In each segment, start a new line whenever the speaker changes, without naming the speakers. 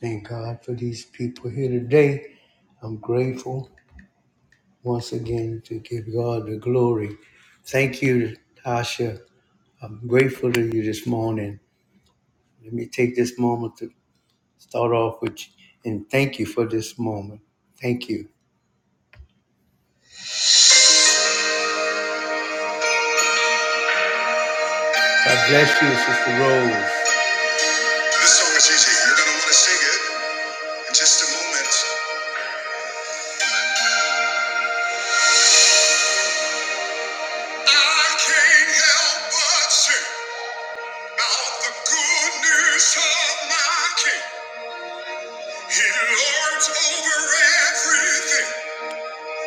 Thank God for these people here today. I'm grateful once again to give God the glory. Thank you, Tasha. I'm grateful to you this morning. Let me take this moment to start off with you and thank you for this moment. Thank you. God bless you, Sister Rose. This song is easy. You're going to want to sing it in just a moment. I can't help but sing about the good news of my King. He lords over everything,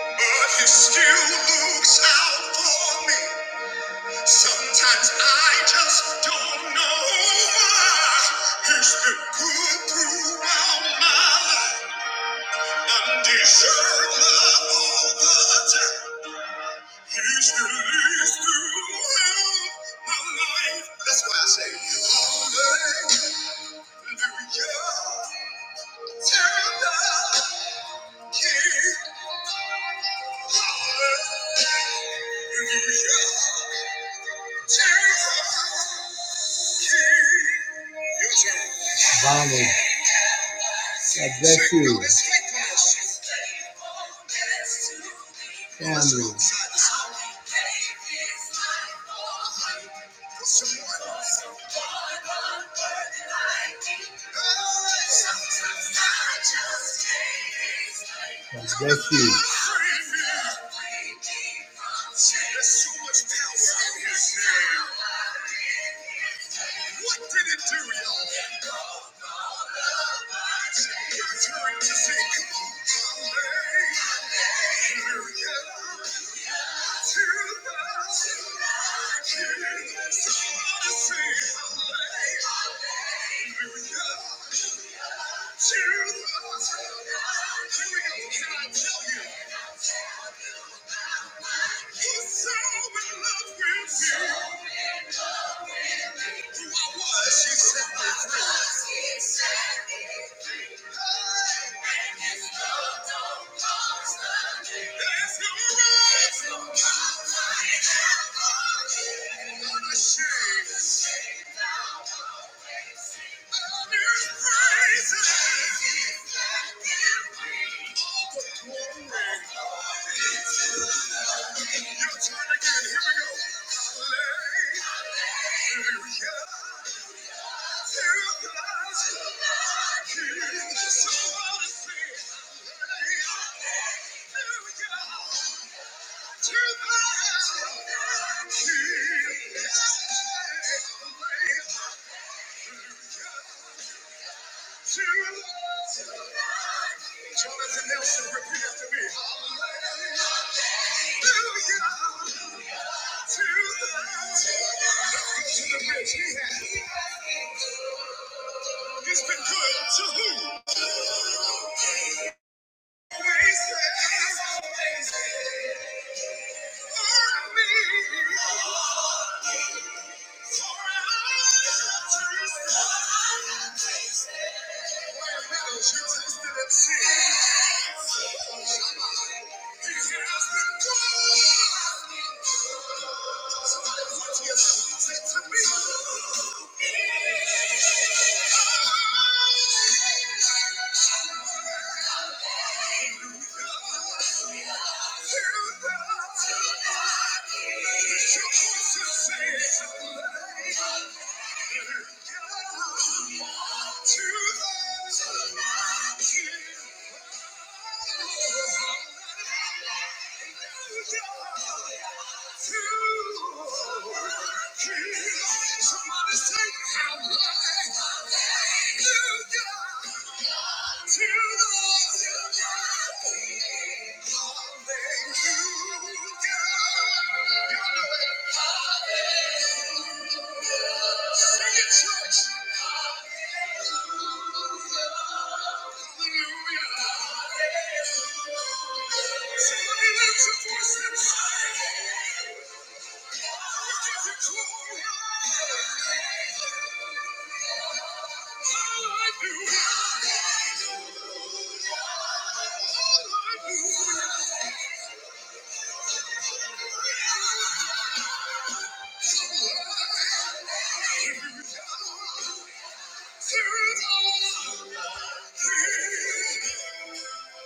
but he still looks out for me. Sometimes I just don't know why. He's been good throughout my life, undeserved love all the time. He's released throughout my life. That's why I say, Hallelujah. Vale. God bless you. Family. God bless you. What did it do, y'all? Your turn to say, come on, hallelujah to the King. Somebody say, hallelujah. Let's go! Hallelujah. Jonathan Nelson, repeat after me. Hallelujah. It's been good to who? Always there for me. Hallelujah. To the Sing it, church. Hallelujah. Somebody lift your voice and shout. Through the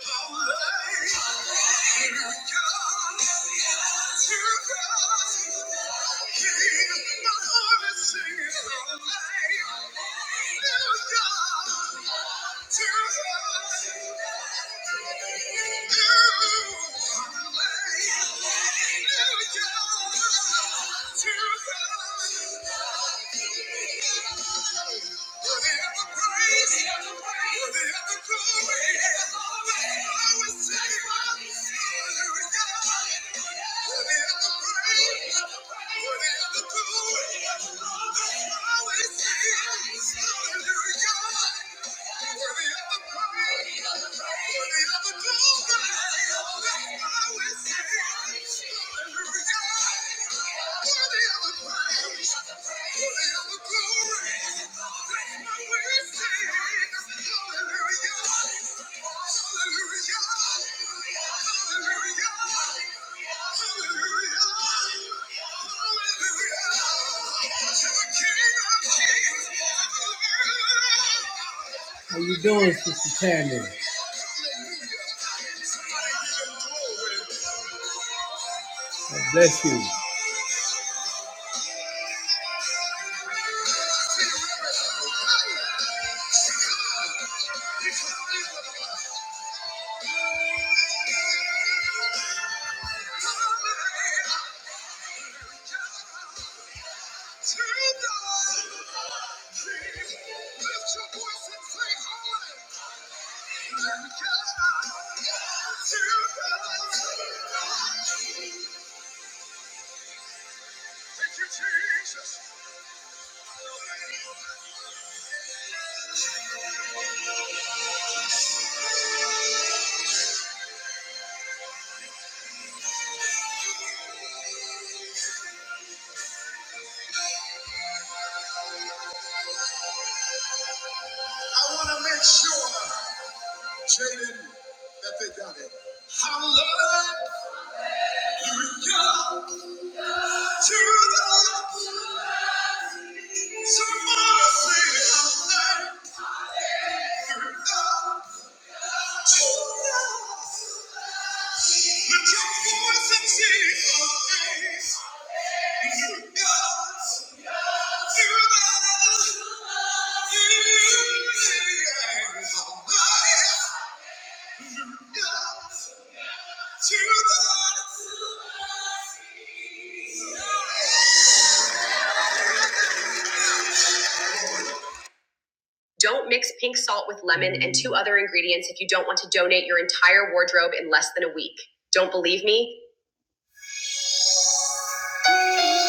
Hallelujah the the the praise, worthy of the glory, Hallelujah. How you doing, Sister Tammy? Bless you. Thank you, Jesus. I want to make sure, Jaden, that they got it. How love you go to the Lord. Someone say, How love you go to the Lord. Lift your voice and sing, How love you go to the Lord. You, yeah, how Don't mix pink salt with lemon and two other ingredients if you don't want to donate your entire wardrobe in less than a week. Don't believe me?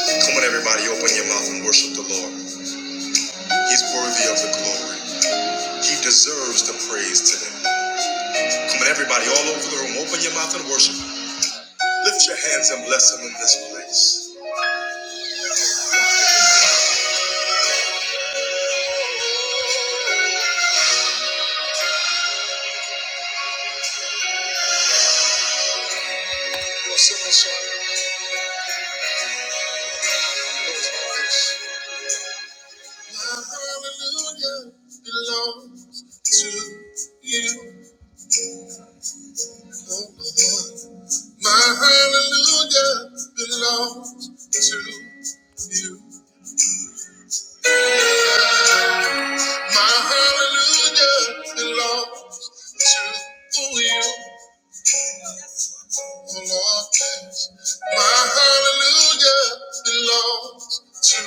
Come on, everybody, open your mouth and worship the Lord. He's worthy of the glory, He deserves the praise today. Come on, everybody, all over the room, open your mouth and worship. Lift your hands and bless Him in this place. Hallelujah, Lord, to you. My hallelujah belongs to you. My hallelujah belongs to you, oh Lord. My hallelujah belongs to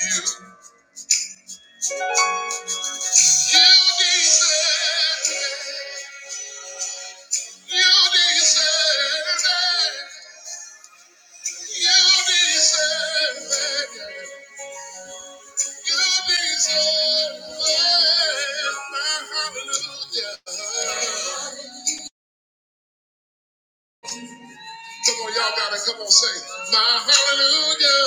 you. You deserve it. You deserve it. You deserve it. You deserve my hallelujah. Come on, y'all gotta come on, say my hallelujah.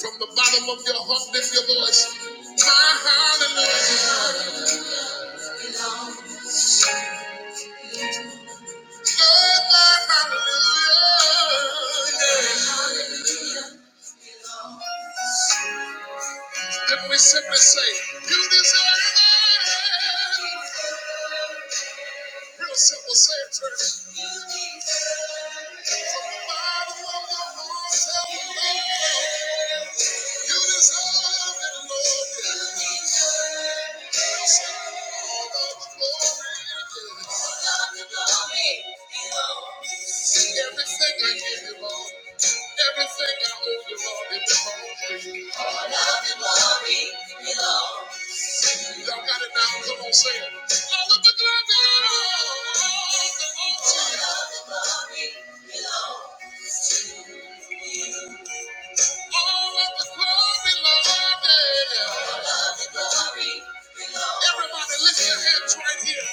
From the bottom of your heart, lift your voice. My hallelujah. Lord, my hallelujah. Then we simply say, You deserve it. Real simple, say it, church. From the bottom of my heart, tell me, Lord, you You deserve it, Lord. I'll all of the glory. All of the glory belongs. Everything I give you, Lord. Everything I owe you, Lord, it belongs to you. All of the glory belongs. Y'all got it now. Come on, say it. All of the glory. Everybody lift your hands right here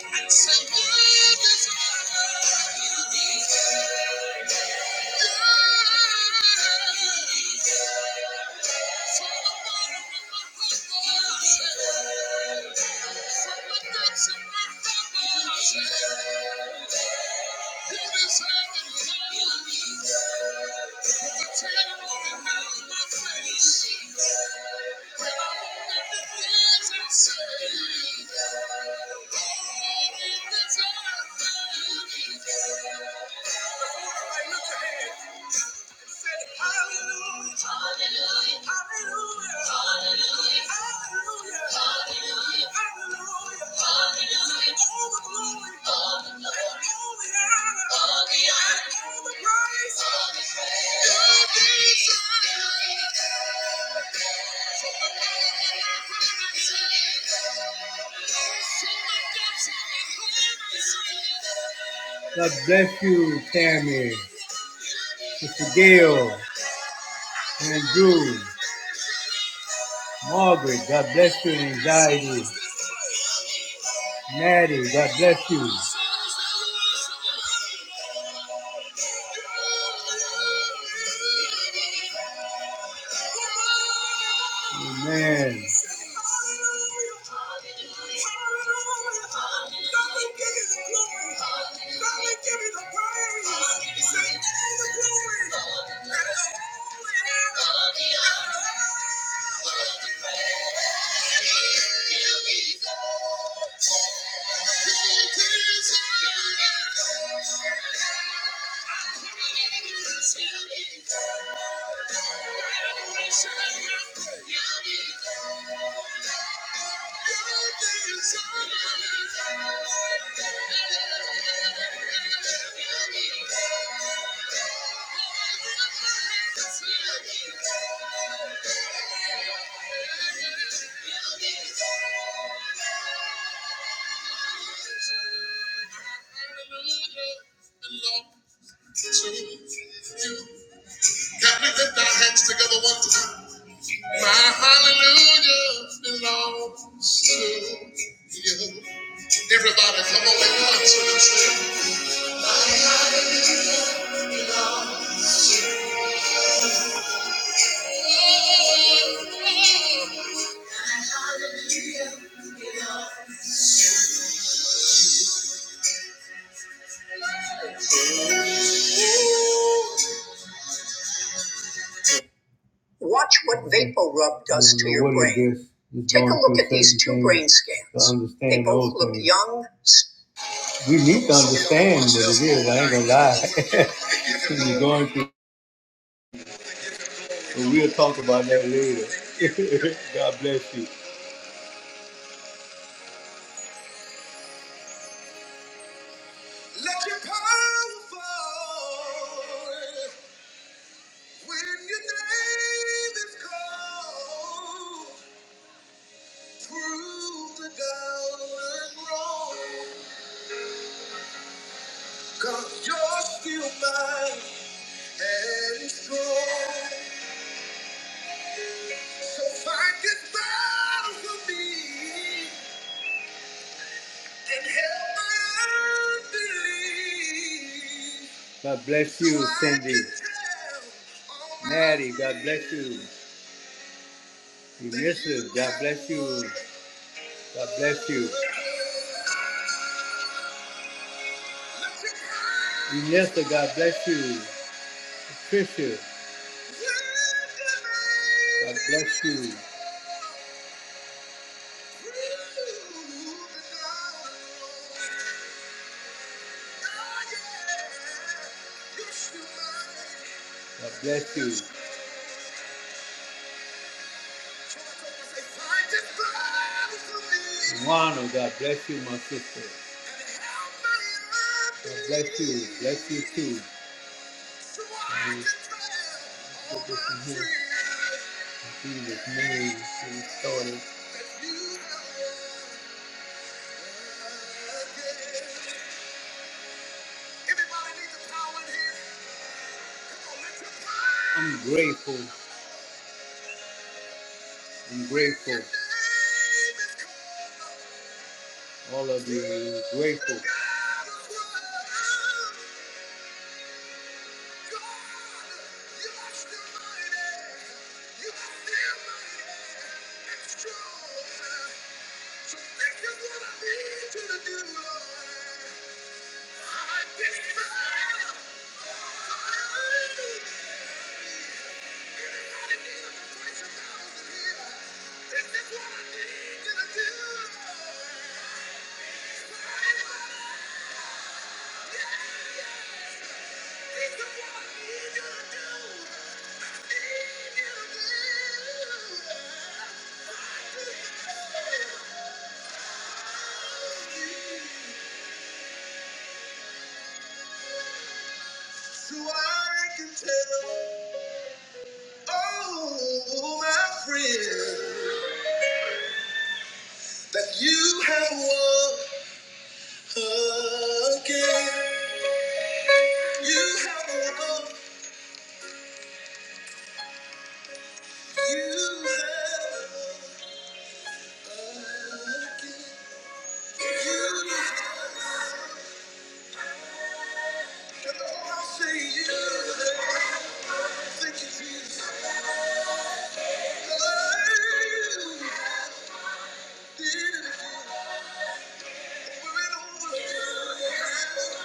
and say, "What is God? Look at it. God bless you, Tammy. Sister Gail, Andrew, Margaret, God bless you in anxiety. Maddie, God bless you. Amen you. Thank you. Can we lift our hands together one time? My hallelujah belongs to you. Everybody, come on and concert and sing. Watch what vape does to your brain. Take a look at these two brain scans. They both look young. We need to understand what it is. I ain't gonna lie. You're going through, but we'll talk about that later. God bless you. Let your power fall when your name is called through the down road. Cause you're still mine and strong. So fight this battle for me and help my unbelief. God bless you, Cindy. Mary, God bless you. We miss you. God bless you. God bless you. Inessa, God bless you. Tricia, God bless you. God bless you. Wano, God bless you, my sister. God bless you. Bless you too. And Put this In here. In Jesus' name, we started. I'm grateful. I'm grateful. All of you is grateful. What I need you to do. So I can tell oh my friend, that you have won again. You have won. You have won again. You have, and all I say you have. Thank you, Jesus. Oh, You did it We're in over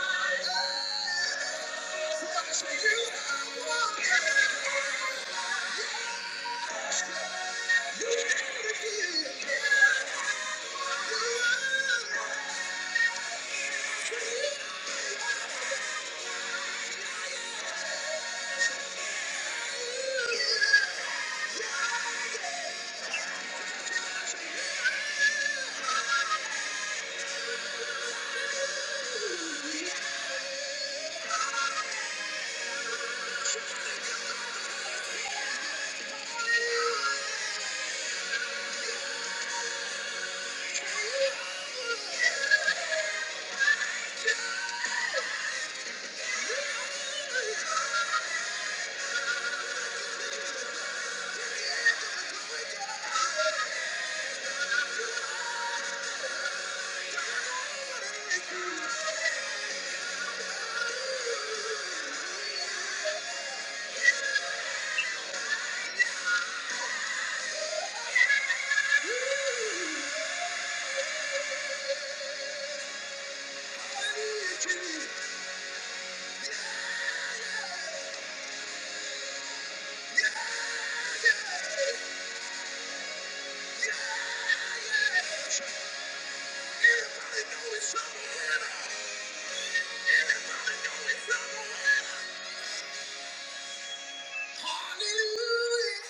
Hallelujah!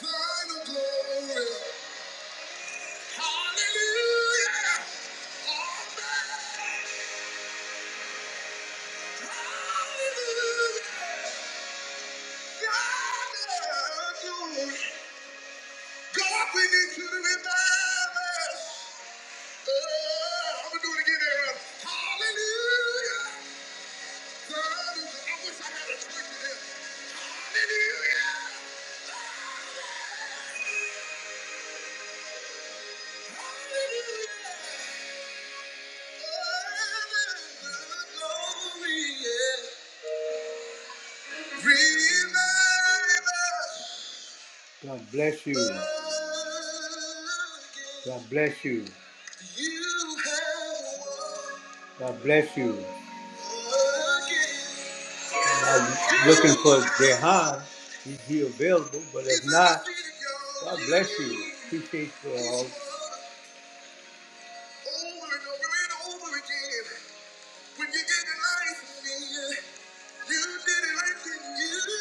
Final glory! Hallelujah! God, we need to revive us. Uh, I'm gonna do it again, Aaron. Hallelujah. God is- I wish I had a church in here. Hallelujah. Hallelujah. Glory, yeah. Revive us. God bless you. God bless you. God bless you. I'm looking for Jehan. Is he available? But if not, God bless you. Appreciate you all.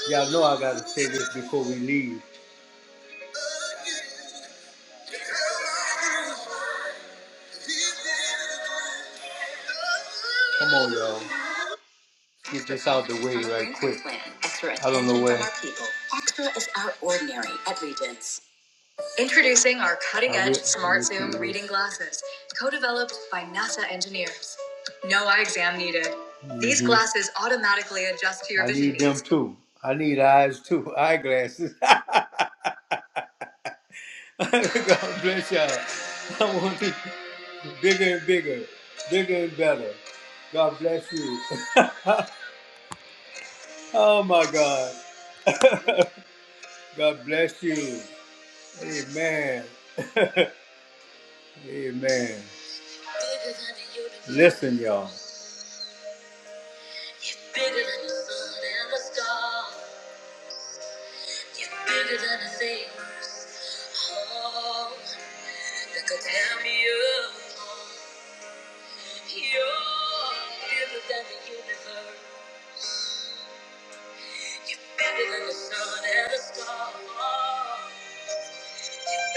Y'all know I gotta say this before we leave. Come on, y'all. Get this out the way right quick. I don't know where. Is our ordinary. Introduce cutting-edge smart zoom reading glasses, co-developed by NASA engineers. No eye exam needed. Mm-hmm. These Mhm. glasses automatically adjust to your I vision I need them too. I need eyes too. Eyeglasses. God bless y'all. I want it bigger and bigger, bigger and better. God bless you. Oh my God. God bless you. Amen. Amen. Listen, y'all. Oh,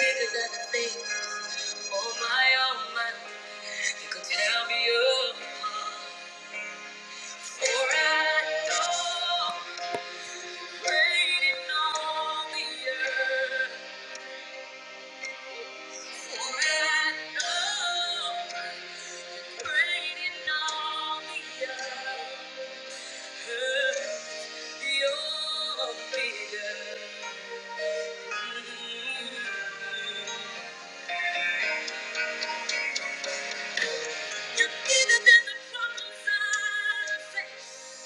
bigger than the things. Oh my, oh my. You could tell me you for I know waiting on the earth. For I know waiting on the earth. You're You're bigger than the problems I face.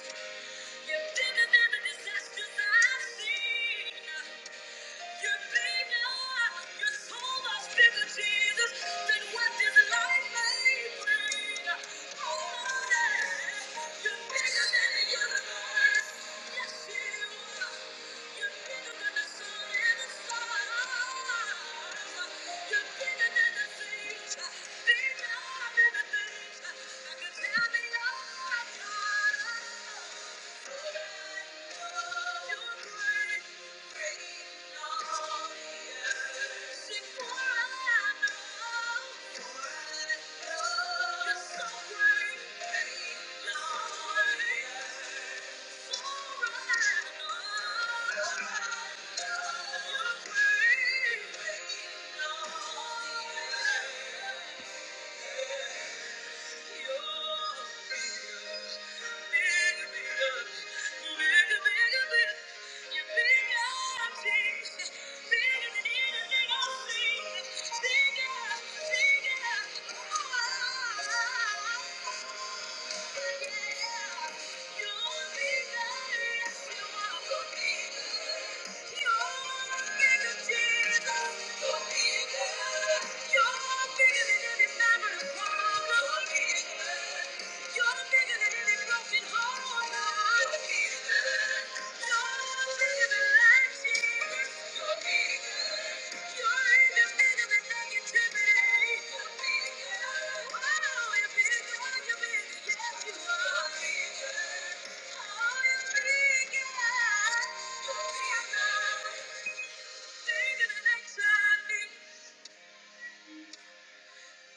You're bigger than the disasters I've seen. You're bigger. You're so much bigger, Jesus, than what this life may bring. Oh, Lord, you're bigger than the universe. Yes, you are. You're bigger than the sun and the stars. You're bigger than the things, bigger than the things. I could tell. Thank you. Thank you. You're bigger than any broken heart. You're bigger. You're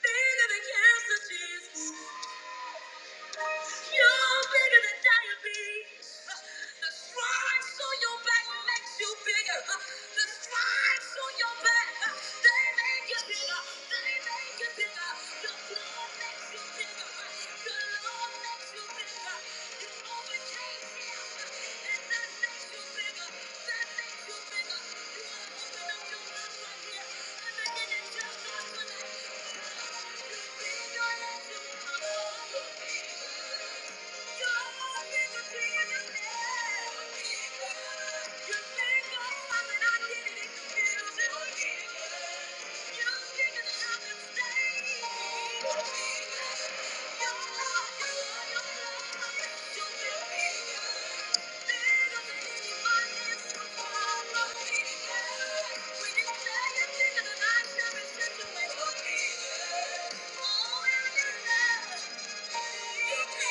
Think of the cancer, Jesus. You're bigger than diabetes. The stripes on your back makes you bigger. The stripes on your back, they make you bigger. They make you bigger. Your blood makes you bigger. Your love makes you Thank you. Thank you. You're bigger.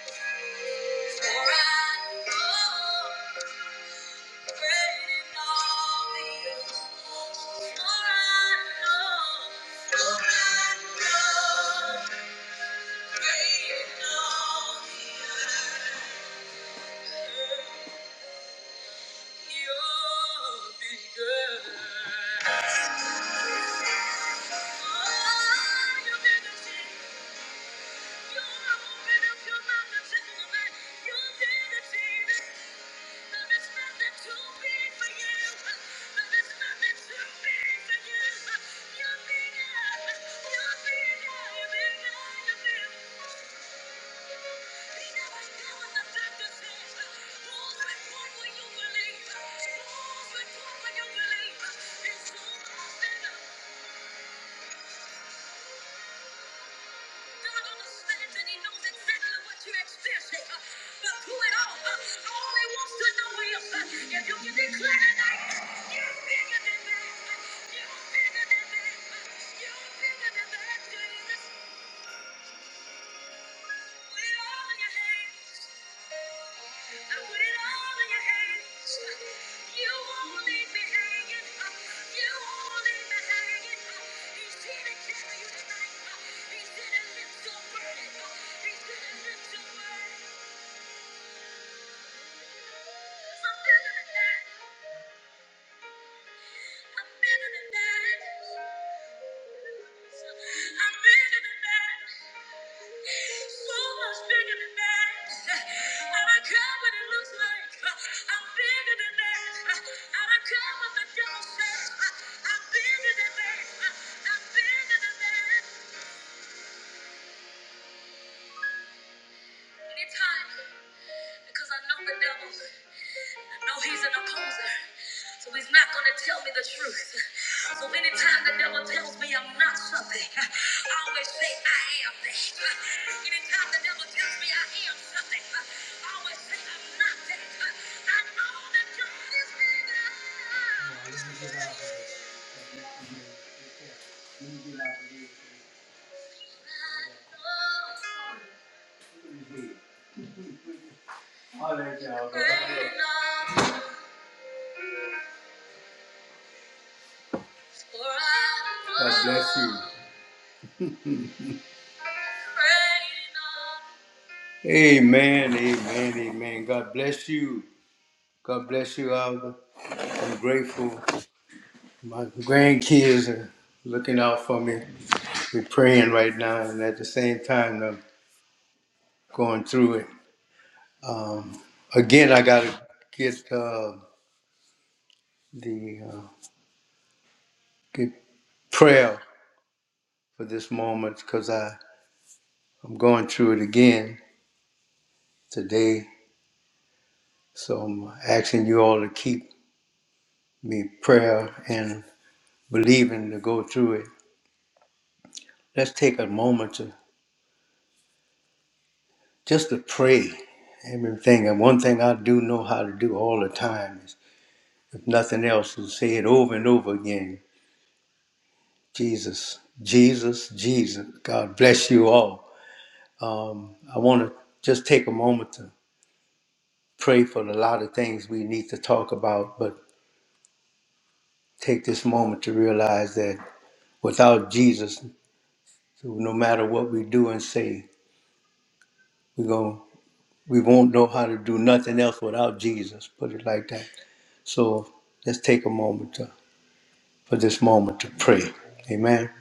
Oh, you're bigger than Thank you. I believe? It's all I He and he knows exactly what you. are But through it all, uh, all he wants to know is uh, if you You'll you'll you'll can declare tonight. you're bigger than that. Uh, you're bigger than that. Uh, you're bigger than that. Uh, you're bigger than that. Thank you. Anytime, because I know the devil. No, he's an opposer. So he's not going to tell me the truth. So anytime the devil tells me I'm not something, I always say I am that. Anytime the devil tells me I am something, I always say I'm not that. I know that God is bigger. God bless you. Amen, amen, amen. God bless you. God bless you, Alva. I'm grateful. My grandkids are looking out for me. We're praying right now, and at the same time, I'm going through it. Um, again, I got to get uh, the uh, get prayer for this moment because I I'm going through it again today. So I'm asking you all to keep me prayer and believing to go through it let's take a moment to just to pray everything. And one thing I do know how to do all the time is, if nothing else, to say it over and over again. Jesus, Jesus, Jesus. God bless you all. Um, I want to just take a moment to pray for a lot of things we need to talk about, but take this moment to realize that without Jesus, no matter what we do and say, we're going we won't know how to do nothing else without Jesus. Put it like that. So let's take a moment to, for this moment to pray. Amen.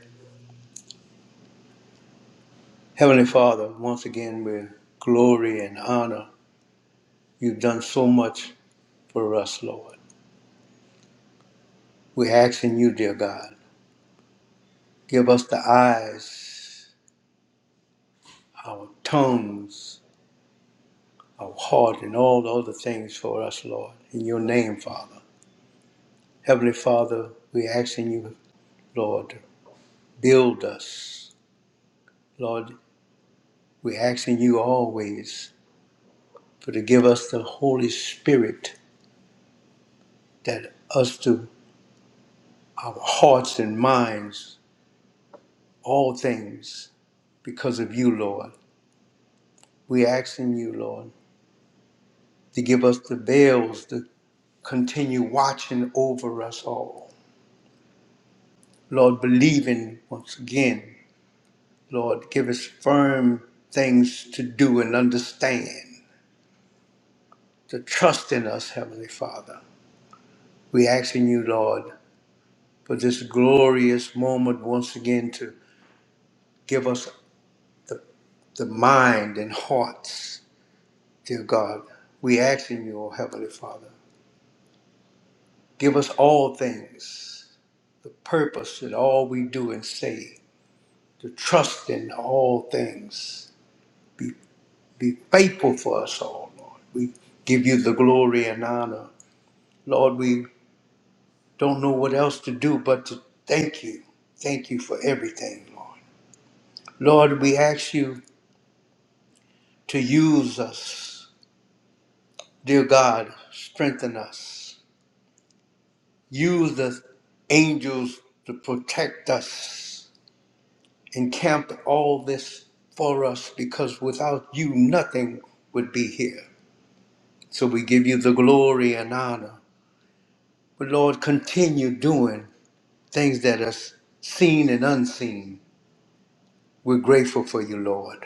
Heavenly Father, once again, with glory and honor. You've done so much for us, Lord. We're asking you, dear God, give us the eyes, our tongues, our heart, and all the other things for us, Lord. In your name, Father. Heavenly Father, we're asking you, Lord, to build us. Lord, we're asking you always for to give us the Holy Spirit that us to our hearts and minds, all things, because of you, Lord. We're asking you, Lord, to give us the veils to continue watching over us all. Lord, believing once again, Lord, give us firm things to do and understand, to trust in us, Heavenly Father. We asking you, Lord, for this glorious moment once again to give us the, the mind and hearts Dear God, we ask in you, O Heavenly Father, give us all things, the purpose in all we do and say, to trust in all things. Be, be faithful for us all, Lord. We give you the glory and honor. Lord, we don't know what else to do but to thank you. Thank you for everything, Lord. Lord, we ask you to use us. Dear God, strengthen us. Use the angels to protect us. Encamp all this for us because without you, nothing would be here. So we give you the glory and honor. But Lord, continue doing things that are seen and unseen. We're grateful for you, Lord.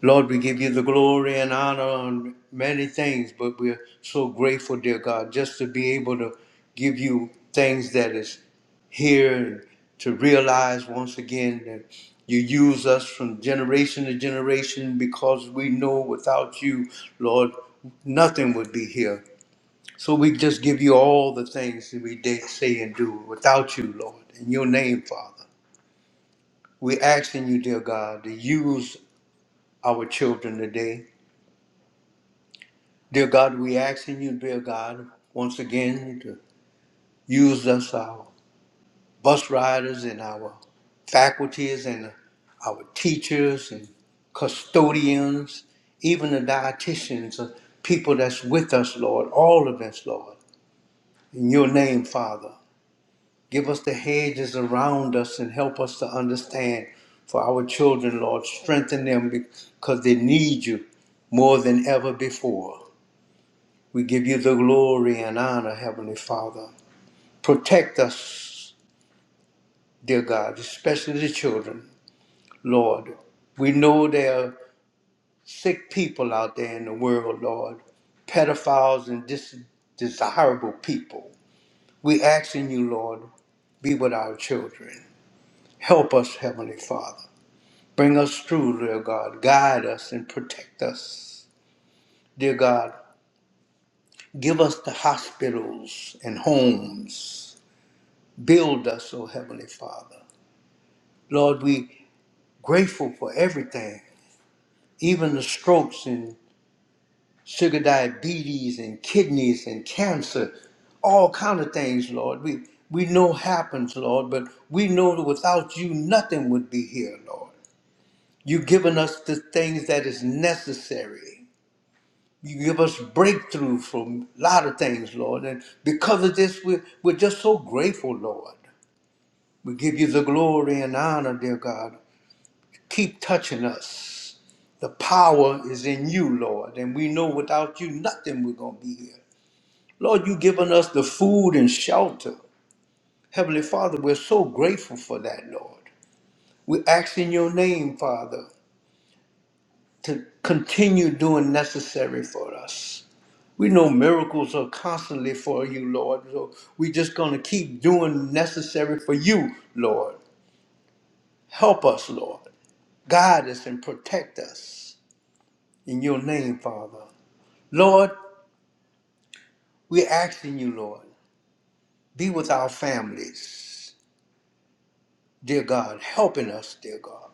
Lord, we give you the glory and honor on many things, but we're so grateful, dear God, just to be able to give you things that is here and to realize once again that you use us from generation to generation because we know without you, Lord, nothing would be here. So we just give you all the things that we did say and do without you, Lord, in your name, Father. We're asking you, dear God, to use our children today Dear God, we asking you, dear God, once again to use us, our bus riders and our faculties and our teachers and custodians, even the dietitians, uh, people that's with us, Lord, all of us, Lord. In your name, Father, give us the hedges around us and help us to understand for our children, Lord. Strengthen them because they need you more than ever before. We give you the glory and honor, Heavenly Father. Protect us, dear God, especially the children, Lord. We know there are sick people out there in the world, Lord, pedophiles and dis- desirable people. We asking you, Lord, be with our children. Help us, Heavenly Father. Bring us through, dear God. Guide us and protect us, dear God. Give us the hospitals and homes Build us, O Heavenly Father. Lord, we grateful for everything, even the strokes and sugar diabetes and kidneys and cancer, all kind of things, Lord. We we know happens, Lord, but we know that without you nothing would be here, Lord. You've given us the things that is necessary. You give us breakthrough from a lot of things, Lord. And because of this, we're, we're just so grateful, Lord. We give you the glory and honor, dear God. keep touching us. The power is in you, Lord, and we know without you nothing we're going to be here. Lord, you've given us the food and shelter. Heavenly Father, we're so grateful for that, Lord. We ask in your name, Father, to continue doing necessary for us. We know miracles are constantly for you, Lord, so we're just going to keep doing necessary for you, Lord. Help us, Lord. Guide us and protect us. In your name, Father. Lord, we're asking you, Lord, be with our families, dear God, helping us, dear God.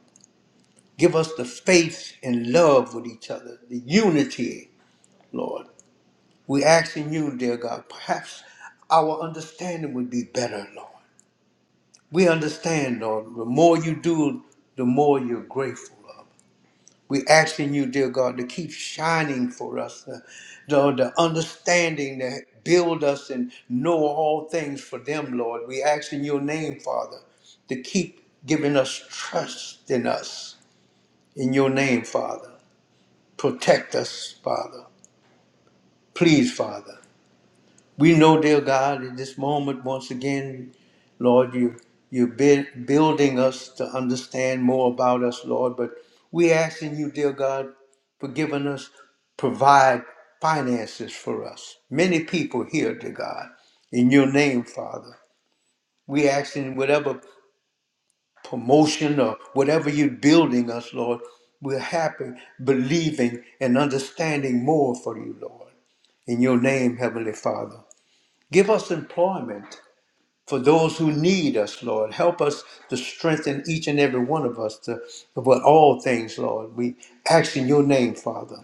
Give us the faith and love with each other, the unity, Lord. We're asking you, dear God, perhaps our understanding would be better, Lord. We understand, Lord, the more you do, the more you're grateful of. We asking you, dear God, to keep shining for us, uh, the, the understanding that build us and know all things for them, Lord. We ask in your name, Father, to keep giving us trust in us. In your name, Father. Protect us, Father. Please, Father. We know, dear God, in this moment, once again, Lord, you, you're bui- building us to understand more about us, Lord. But we asking you, dear God, for giving us, provide finances for us. Many people here, dear God, in your name, Father. We asking whatever promotion or whatever you're building us, Lord, we're happy, believing, and understanding more for you, Lord. In your name, Heavenly Father. Give us employment for those who need us, Lord. Help us to strengthen each and every one of us to about all things, Lord. We ask in your name, Father.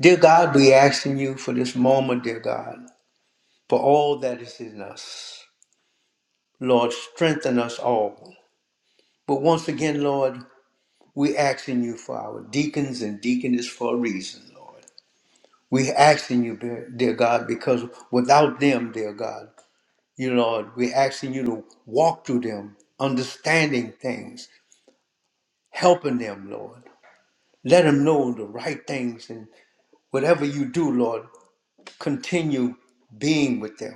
Dear God, we ask in you for this moment, dear God, for all that is in us. Lord, strengthen us all. But once again, Lord, we ask in you for our deacons and deaconess for a reason, Lord. We ask in you, dear dear God, because without them, dear God, you Lord, we ask in you to walk through them, understanding things, helping them, Lord. Let them know the right things and whatever you do, Lord, continue being with them.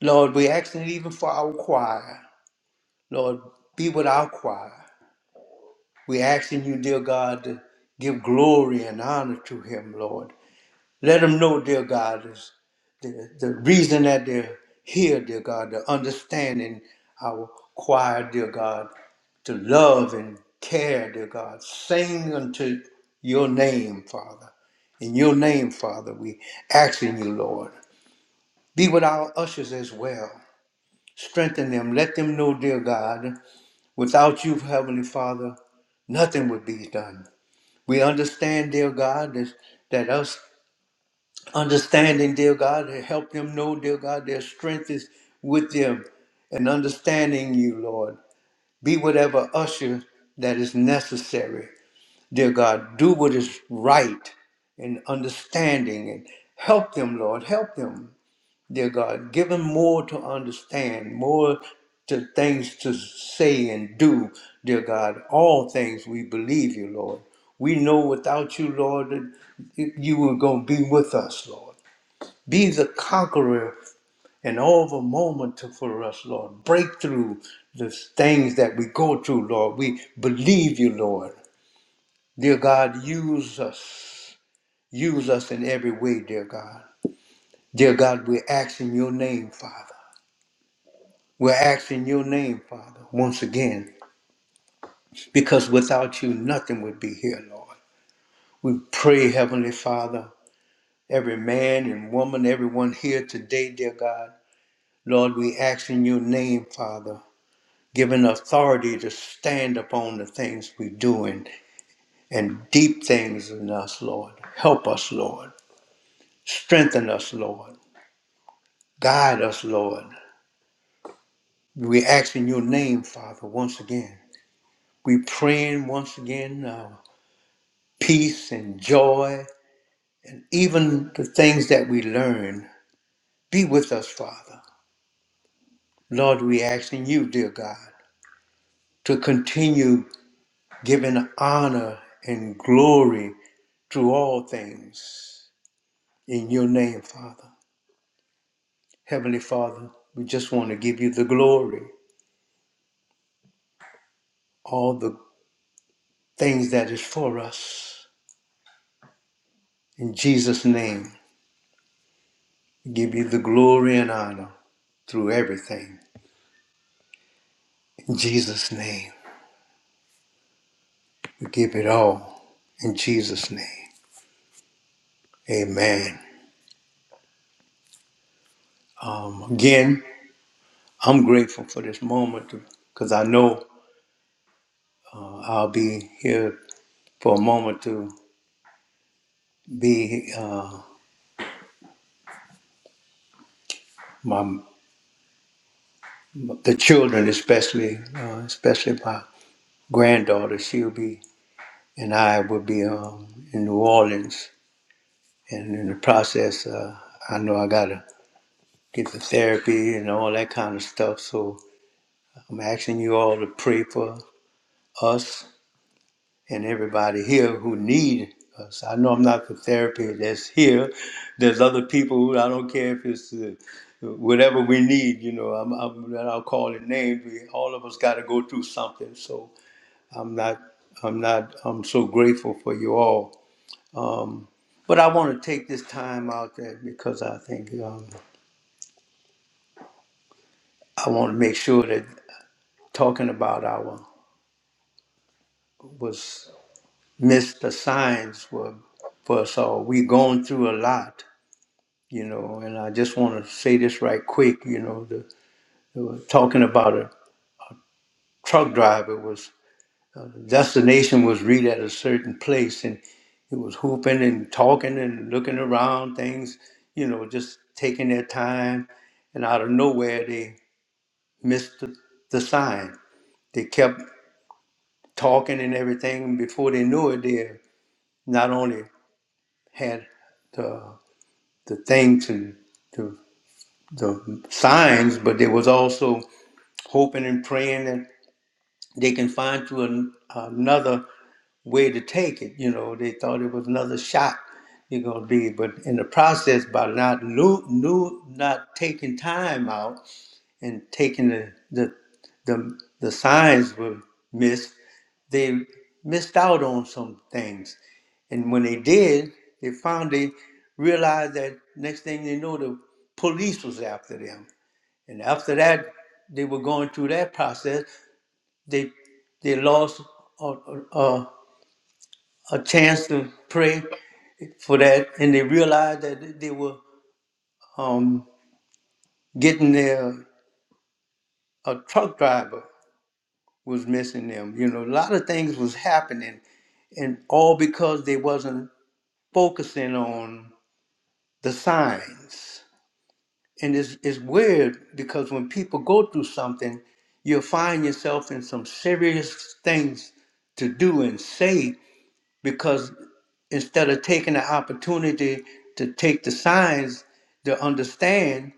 Lord, we're asking even for our choir. Lord, be with our choir. We're asking you, dear God, to give glory and honor to him, Lord. Let them know, dear God, is the, the reason that they're here, dear God, the understanding our choir, dear God, to love and care, dear God. Sing unto your name, Father. In your name, Father, we ask in you, Lord. Be with our ushers as well. Strengthen them. Let them know, dear God, without you, Heavenly Father, nothing would be done. We understand, dear God, that, that us understanding, dear God, and help them know, dear God, their strength is with them and understanding you, Lord. Be whatever usher that is necessary, dear God. Do what is right and understanding and help them, Lord. Help them, dear God. Give them more to understand, more to things to say and do, dear God. All things we believe you, Lord. We know without you, Lord, that you were going to be with us, Lord. Be the conqueror in all the moment for us, Lord. Break through the things that we go through, Lord. We believe you, Lord. Dear God, use us. Use us in every way, dear God. Dear God, we're asking your name, Father. We're asking your name, Father, once again, because without you, nothing would be here, Lord. We pray, Heavenly Father, every man and woman, everyone here today, dear God. Lord, we ask in your name, Father. given authority to stand upon the things we do and and deep things in us, Lord. Help us, Lord. Strengthen us, Lord. Guide us, Lord. We ask in your name, Father, once again. We praying once again now. Peace and joy and even the things that we learn. Be with us, Father. Lord, we ask in you, dear God, to continue giving honor and glory through all things In your name, Father. Heavenly Father, we just want to give you the glory, all the things that is for us. In Jesus' name, we give you the glory and honor through everything. In Jesus' name, we give it all. In Jesus' name, amen. Um, again, I'm grateful for this moment because I know uh, I'll be here for a moment to be uh, my the children, especially uh, especially my granddaughter, she'll be, and I will be um, in New Orleans. And in the process, uh, I know I got to get the therapy and all that kind of stuff. So I'm asking you all to pray for us and everybody here who need us. I know I'm not the therapy that's here. There's other people who I don't care if it's uh, whatever we need, you know, I'm, I'm, I'll call it names. We, all of us got to go through something. So I'm not, I'm not, I'm so grateful for you all Um, but I want to take this time out there because I think um, I want to make sure that talking about our was missed the signs were for us all. We're going through a lot, you know, and I just want to say this right quick, you know, the, the talking about a truck driver was uh, destination was read at a certain place and it was hooping and talking and looking around things, you know, just taking their time and out of nowhere they. missed the sign. They kept talking and everything. Before they knew it, they not only had the the thing to the the signs, but they was also hoping and praying that they can find to an, another way to take it. You know, they thought it was another shot you're gonna be, but in the process, by not new, new, not taking time out and taking the the the, the signs were missed they missed out on some things. And when they did, they found they realized that next thing they know, the police was after them. And after that, they were going through that process. They they lost a, a, a chance to pray for that, and they realized that they were um, getting their a truck driver was missing them. You know, a lot of things was happening, and all because they wasn't focusing on the signs. And it's, it's weird because when people go through something, you'll find yourself in some serious things to do and say because instead of taking the opportunity to take the signs to understand,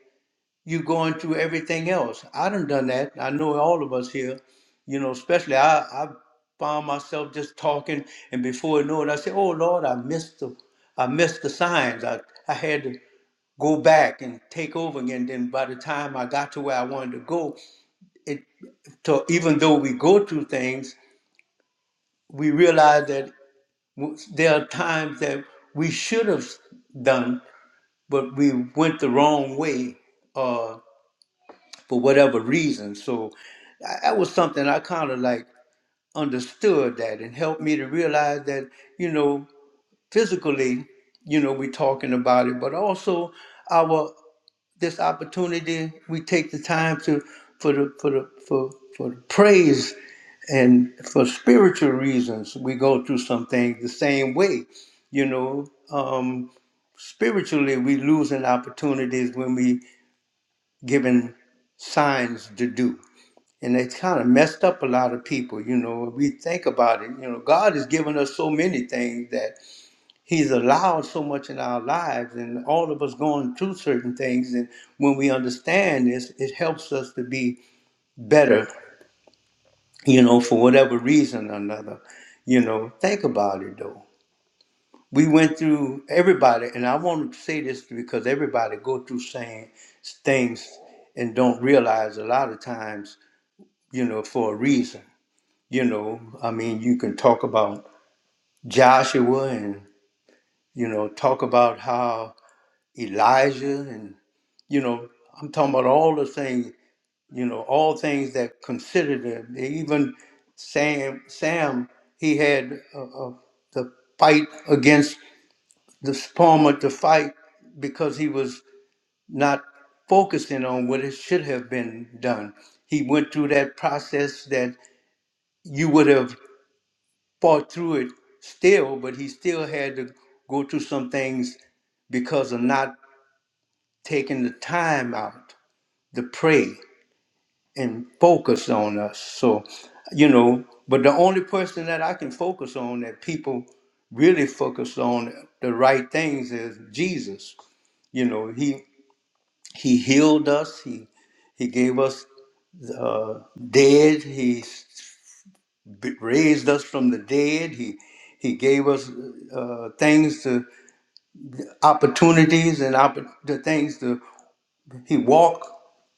you're going through everything else. I done done that. I know all of us here, you know, especially I, I found myself just talking and before I know it, I said, oh Lord, I missed the I missed the signs. I, I had to go back and take over again. Then by the time I got to where I wanted to go, it so even though we go through things, we realize that w- there are times that we should have done, but we went the wrong way uh, for whatever reason. So I- that was something I kind of like understood that and helped me to realize that you know physically, you know, we're talking about it, but also. our. this opportunity. We take the time to for the for the for for the praise and for spiritual reasons. We go through some things the same way, you know. Um, spiritually, we losing opportunities when we given signs to do. And it's kind of messed up a lot of people, you know. We think about it, you know, God has given us so many things that. He's allowed so much in our lives, and all of us going through certain things. And when we understand this, it helps us to be better, you know, for whatever reason or another. You know, think about it though. We went through everybody, and I want to say this because everybody go through same things and don't realize a lot of times, you know, for a reason. You know, I mean, you can talk about Joshua and, you know, talk about how Elijah and you know, I'm talking about all the things, you know, all things that considered him. Even Sam, Sam, he had uh, uh, the fight against the Palmer to fight because he was not focusing on what it should have been done. He went through that process that you would have fought through it still, but he still had to go through some things because of not taking the time out to pray and focus on us. So, you know, but the only person that I can focus on that people really focus on the right things is Jesus. You know, he he healed us. He he gave us uh, dead. He s- raised us from the dead. He he gave us uh, things to opportunities and opp- the things to He walked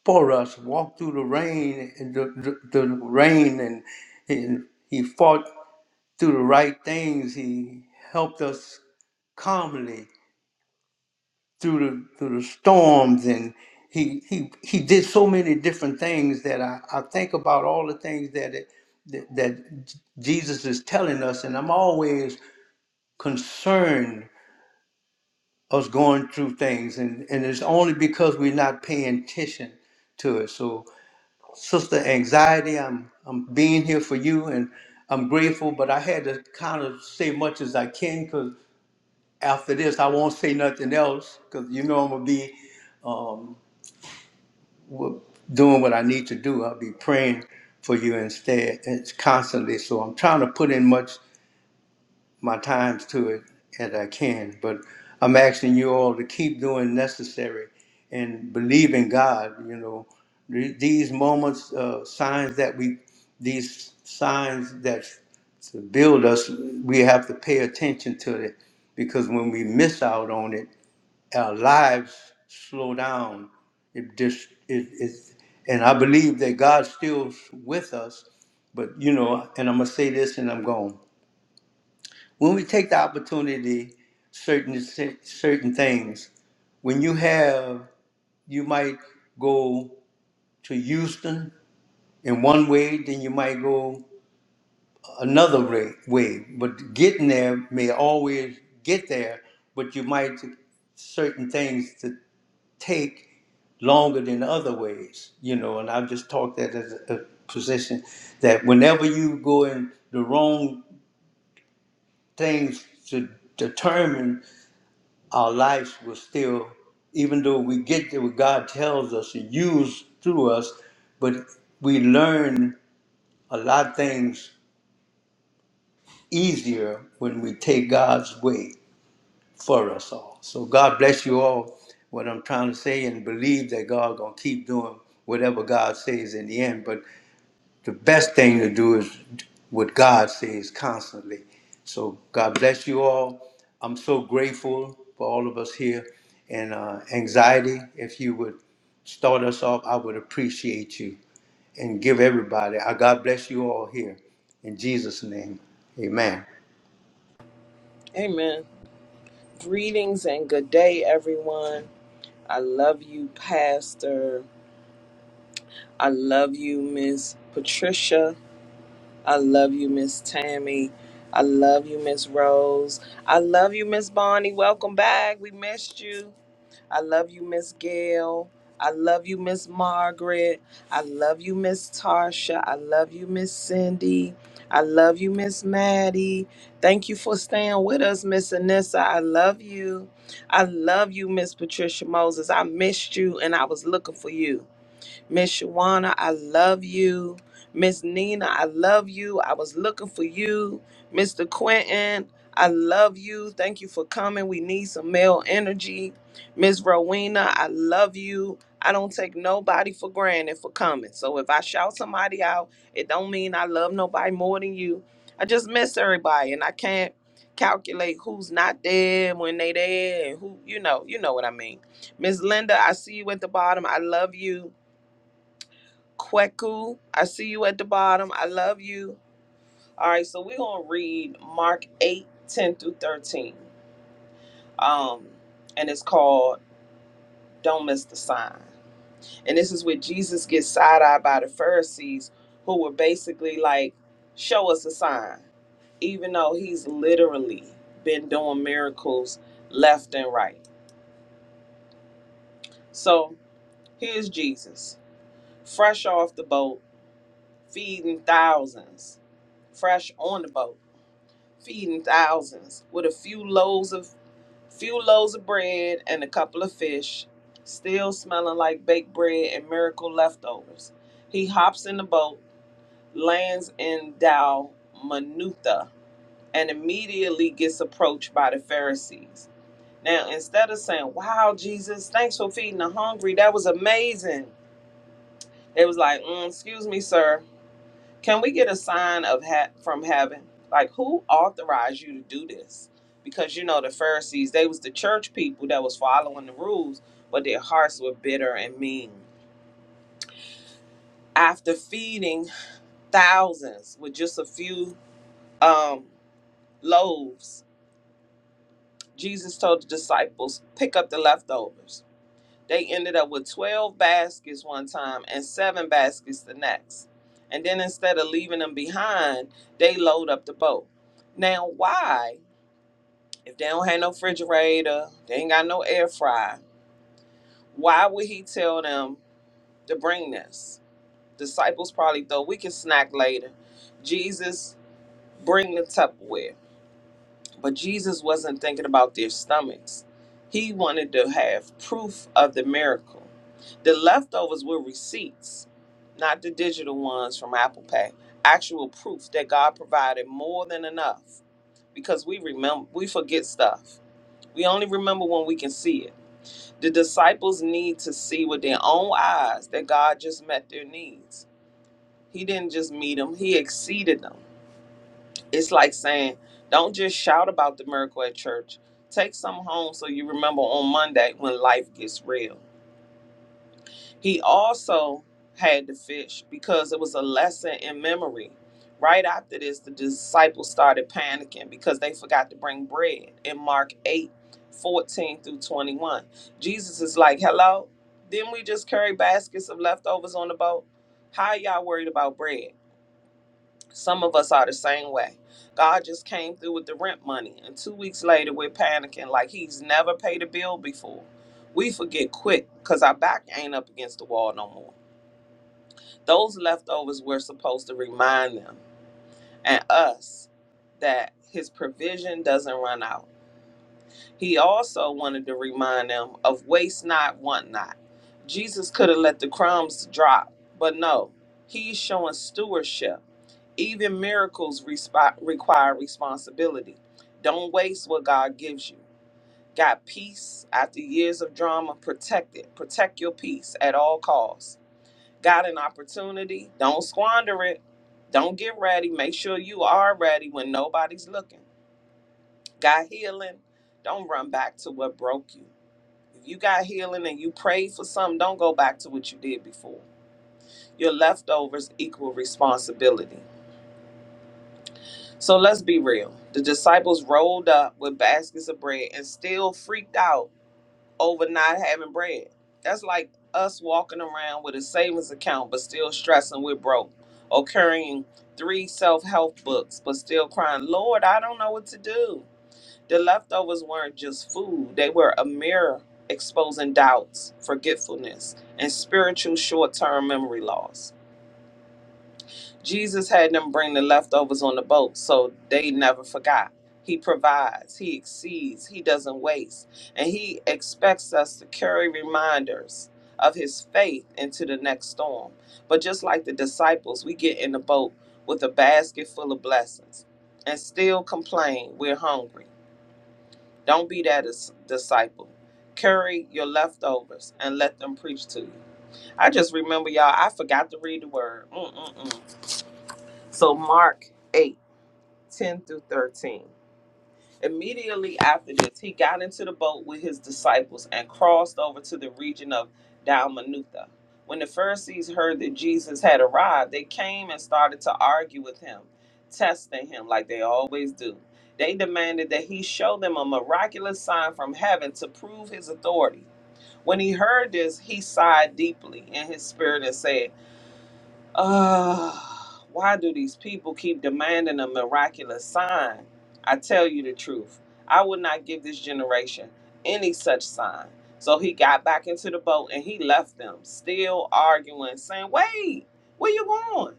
for us, walked through the rain, and the, the, the rain, and, and he fought through the right things. He helped us calmly through the through the storms, and he he he did so many different things that I, I think about all the things that it, that, that J- Jesus is telling us, and I'm always concerned us going through things, and and it's only because we're not paying attention to it. So. Sister Anxiety, I'm I'm being here for you and I'm grateful, but I had to kind of say much as I can because after this I won't say nothing else because you know I'm gonna be um, w- doing what I need to do. I'll be praying for you instead. and It's constantly so I'm trying to put in much my times to it as I can. But I'm asking you all to keep doing necessary and believe in God. You know, Th- these moments, uh, signs that we, these signs that to build us, we have to pay attention to it because when we miss out on it, our lives slow down. It just it, it and I believe that God's still with us. But you know, and I'm gonna say this, and I'm gone when we take the opportunity, certain si, certain things. When you have, you might go to Houston in one way, then you might go another way. way. But getting there may always get there, but you might certain things to take longer than other ways, you know. And I've just talked that as a, a position that whenever you go in the wrong things to determine our lives will still, even though we get to what God tells us and use through us, but we learn a lot of things easier when we take God's way for us all. So God bless you all. What I'm trying to say and believe that God gonna keep doing whatever God says in the end. But the best thing to do is what God says constantly. So God bless you all. I'm so grateful for all of us here. And uh, anxiety, if you would start us off, I would appreciate you and give everybody. I God bless you all here. In Jesus' name, amen.
Amen. Greetings and good day, everyone. I love you, Pastor. I love you, Miss Patricia. I love you, Miss Tammy. I love you, Miss Rose. I love you, Miss Bonnie. Welcome back. We missed you. I love you, Miss Gail. I love you, Miss Margaret. I love you, Miss Tarsha. I love you, Miss Cindy. I love you, Miss Maddie. Thank you for staying with us, Miss Anissa. I love you. I love you, Miss Patricia Moses. I missed you and I was looking for you. Miss Shawana, I love you. Miss Nina, I love you. I was looking for you. Mr. Quentin, I love you. Thank you for coming. We need some male energy. Miss Rowena, I love you. I don't take nobody for granted for coming. So if I shout somebody out, it don't mean I love nobody more than you. I just miss everybody and I can't calculate who's not there when they there and who you know, you know what I mean. Miss Linda, I see you at the bottom. I love you. Kweku, I see you at the bottom. I love you. All right, so we're gonna read Mark 8:10 through 13. Um, and it's called Don't Miss the Sign. And this is where Jesus gets side-eyed by the Pharisees, who were basically like, Show us a sign, even though he's literally been doing miracles left and right. So here's Jesus, fresh off the boat, feeding thousands, fresh on the boat. feeding thousands with a few loaves of few loaves of bread and a couple of fish, still smelling like baked bread and miracle leftovers. He hops in the boat, lands in Dalmanutha, and immediately gets approached by the Pharisees. Now, instead of saying, "Wow, Jesus, thanks for feeding the hungry. That was amazing." They was like, mm, "Excuse me, sir. Can we get a sign of ha- from heaven? Like who authorized you to do this? Because you know the Pharisees, they was the church people that was following the rules, but their hearts were bitter and mean. After feeding thousands with just a few um, loaves, Jesus told the disciples, "Pick up the leftovers." They ended up with twelve baskets one time and seven baskets the next. And then instead of leaving them behind, they load up the boat. Now, why? If they don't have no refrigerator, they ain't got no air fryer. Why would he tell them to bring this? Disciples probably thought we can snack later. Jesus, bring the Tupperware. But Jesus wasn't thinking about their stomachs. He wanted to have proof of the miracle. The leftovers were receipts, not the digital ones from Apple Pay. Actual proof that God provided more than enough because we remember we forget stuff. We only remember when we can see it. The disciples need to see with their own eyes that God just met their needs. He didn't just meet them, He exceeded them. It's like saying, don't just shout about the miracle at church. Take some home so you remember on Monday when life gets real he also had the fish because it was a lesson in memory. Right after this, the disciples started panicking because they forgot to bring bread in Mark 8, 14 through 21. Jesus is like, Hello, didn't we just carry baskets of leftovers on the boat? How are y'all worried about bread? Some of us are the same way. God just came through with the rent money, and two weeks later, we're panicking like he's never paid a bill before. We forget quick because our back ain't up against the wall no more those leftovers were supposed to remind them and us that his provision doesn't run out. He also wanted to remind them of waste not, want not. Jesus could have let the crumbs drop, but no, he's showing stewardship. Even miracles resp- require responsibility. Don't waste what God gives you. Got peace after years of drama. Protect it. Protect your peace at all costs got an opportunity, don't squander it. Don't get ready. Make sure you are ready when nobody's looking. Got healing. Don't run back to what broke you. If you got healing and you prayed for something, don't go back to what you did before. Your leftovers equal responsibility. So let's be real. The disciples rolled up with baskets of bread and still freaked out over not having bread. That's like us walking around with a savings account but still stressing we're broke, or carrying three self help books but still crying, Lord, I don't know what to do. The leftovers weren't just food, they were a mirror exposing doubts, forgetfulness, and spiritual short term memory loss. Jesus had them bring the leftovers on the boat, so they never forgot. He provides, He exceeds, He doesn't waste. And He expects us to carry reminders of His faith into the next storm. But just like the disciples, we get in the boat with a basket full of blessings and still complain we're hungry. Don't be that dis- disciple. Carry your leftovers and let them preach to you. I just remember, y'all, I forgot to read the word. Mm-mm-mm. So Mark 8 10 through 13. Immediately after this, he got into the boat with his disciples and crossed over to the region of Dalmanutha. When the Pharisees heard that Jesus had arrived, they came and started to argue with him, testing him like they always do. They demanded that he show them a miraculous sign from heaven to prove his authority. When he heard this, he sighed deeply in his spirit and said, uh, why do these people keep demanding a miraculous sign? I tell you the truth, I would not give this generation any such sign. So he got back into the boat and he left them, still arguing, saying, Wait, where you going?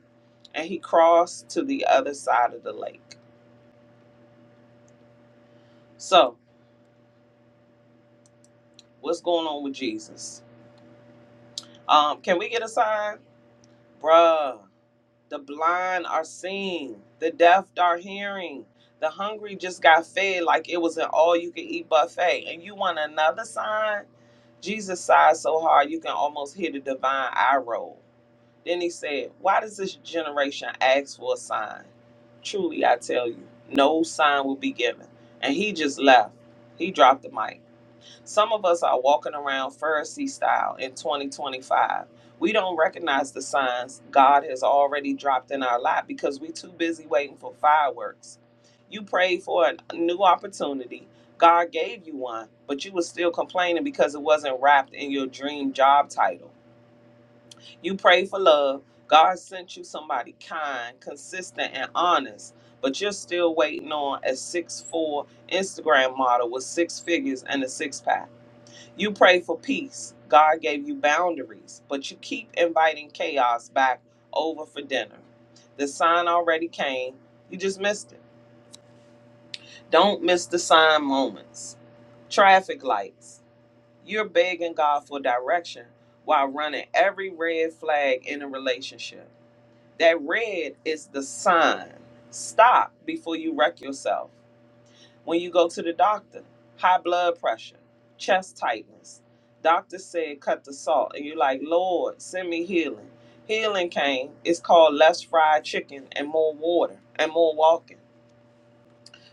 And he crossed to the other side of the lake. So, what's going on with Jesus? Um, can we get a sign? Bruh, The blind are seeing, the deaf are hearing, the hungry just got fed like it was an all you can eat buffet. And you want another sign? Jesus sighed so hard you can almost hear the divine eye roll. Then he said, Why does this generation ask for a sign? Truly, I tell you, no sign will be given. And he just left. He dropped the mic. Some of us are walking around Pharisee style in 2025. We don't recognize the signs God has already dropped in our lap because we're too busy waiting for fireworks. You prayed for a new opportunity. God gave you one, but you were still complaining because it wasn't wrapped in your dream job title. You prayed for love. God sent you somebody kind, consistent, and honest, but you're still waiting on a six-four Instagram model with six figures and a six pack. You pray for peace. God gave you boundaries, but you keep inviting chaos back over for dinner. The sign already came. You just missed it. Don't miss the sign moments. Traffic lights. You're begging God for direction while running every red flag in a relationship. That red is the sign. Stop before you wreck yourself. when you go to the doctor. High blood pressure, chest tightness. Doctor said cut the salt. And you're like, Lord, send me healing. Healing came. It's called less fried chicken and more water and more walking.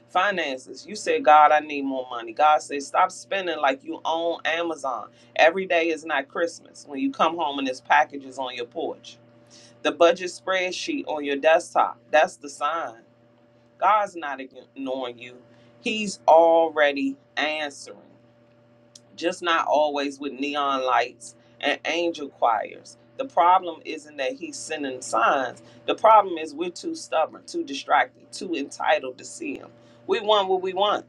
Finances. You said, God, I need more money. God said, stop spending like you own Amazon. Every day is not Christmas when you come home and there's packages on your porch. The budget spreadsheet on your desktop. That's the sign. God's not ignoring you. He's already answering, just not always with neon lights and angel choirs. The problem isn't that he's sending signs. The problem is we're too stubborn, too distracted, too entitled to see him. We want what we want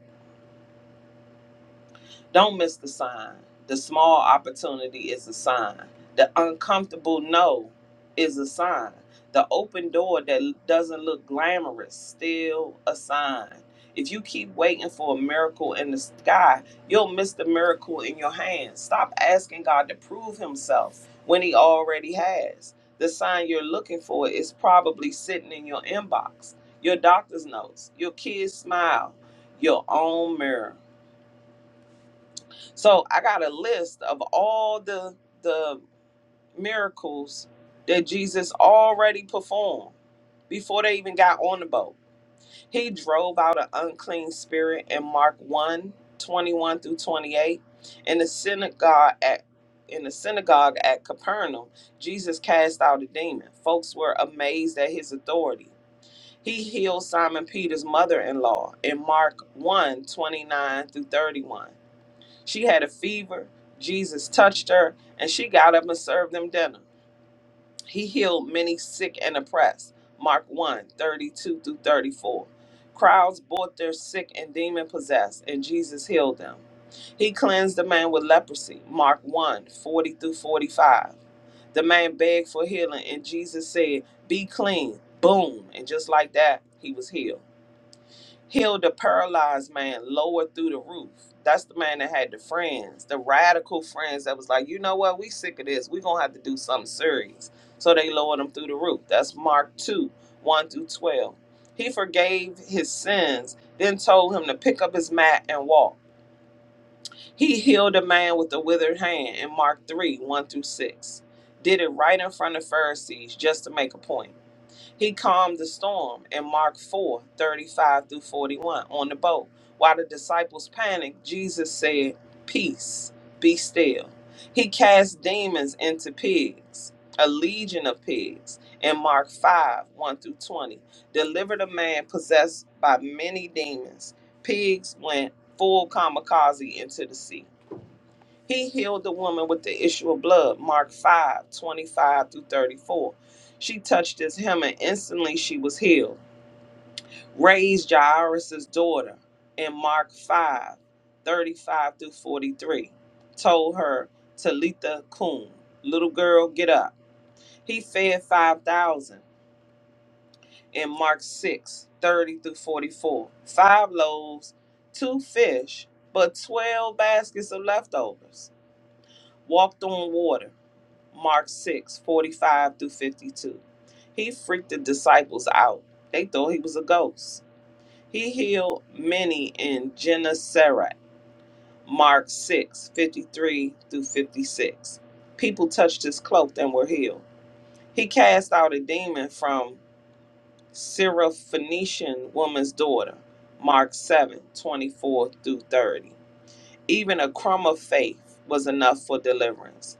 don't miss the sign. The small opportunity is a sign. The uncomfortable no is a sign. The open door that doesn't look glamorous, still a sign. If you keep waiting for a miracle in the sky, you'll miss the miracle in your hands. Stop asking God to prove himself when he already has. The sign you're looking for is probably sitting in your inbox, your doctor's notes, your kid's smile, your own mirror. So I got a list of all the the miracles that Jesus already performed before they even got on the boat. He drove out an unclean spirit in Mark one 21 through 28. In the synagogue at in the synagogue at Capernaum, Jesus cast out a demon. Folks were amazed at his authority. He healed Simon Peter's mother-in-law in Mark one 29 through 31. She had a fever. Jesus touched her, and she got up and served them dinner. He healed many sick and oppressed. Mark one 32 through 34. Crowds brought their sick and demon possessed, and Jesus healed them. He cleansed the man with leprosy. Mark one 40 through 45. The man begged for healing, and Jesus said, Be clean. Boom. And just like that, he was healed healed a paralyzed man lower through the roof. That's the man that had the friends, the radical friends that was like, you know what, we sick of this. we gonna have to do something serious. So they lowered him through the roof. That's Mark 2, 1 through 12. He forgave his sins, then told him to pick up his mat and walk. He healed a man with a withered hand in Mark 3, 1 through 6. Did it right in front of Pharisees just to make a point. He calmed the storm in Mark 4:35 through 41 on the boat. While the disciples panicked, Jesus said, Peace, be still. He cast demons into pigs, a legion of pigs, in Mark 5 1 through 20, delivered a man possessed by many demons. Pigs went full kamikaze into the sea. He healed the woman with the issue of blood, Mark 5 25 through 34. She touched his hem and instantly she was healed. Raised Jairus' daughter in Mark 5 35 through 43. Told her, Talitha Kum, little girl, get up. He fed 5,000 in Mark 6 30 through 44. Five loaves, two fish, but 12 baskets of leftovers. Walked on water. Mark 6 45 through 52. He freaked the disciples out. They thought he was a ghost. He healed many in Gennesaret. Mark 6 53 through 56. People touched his cloak and were healed. He cast out a demon from Syrophoenician woman's daughter. Mark 7 24 through 30. Even a crumb of faith was enough for deliverance.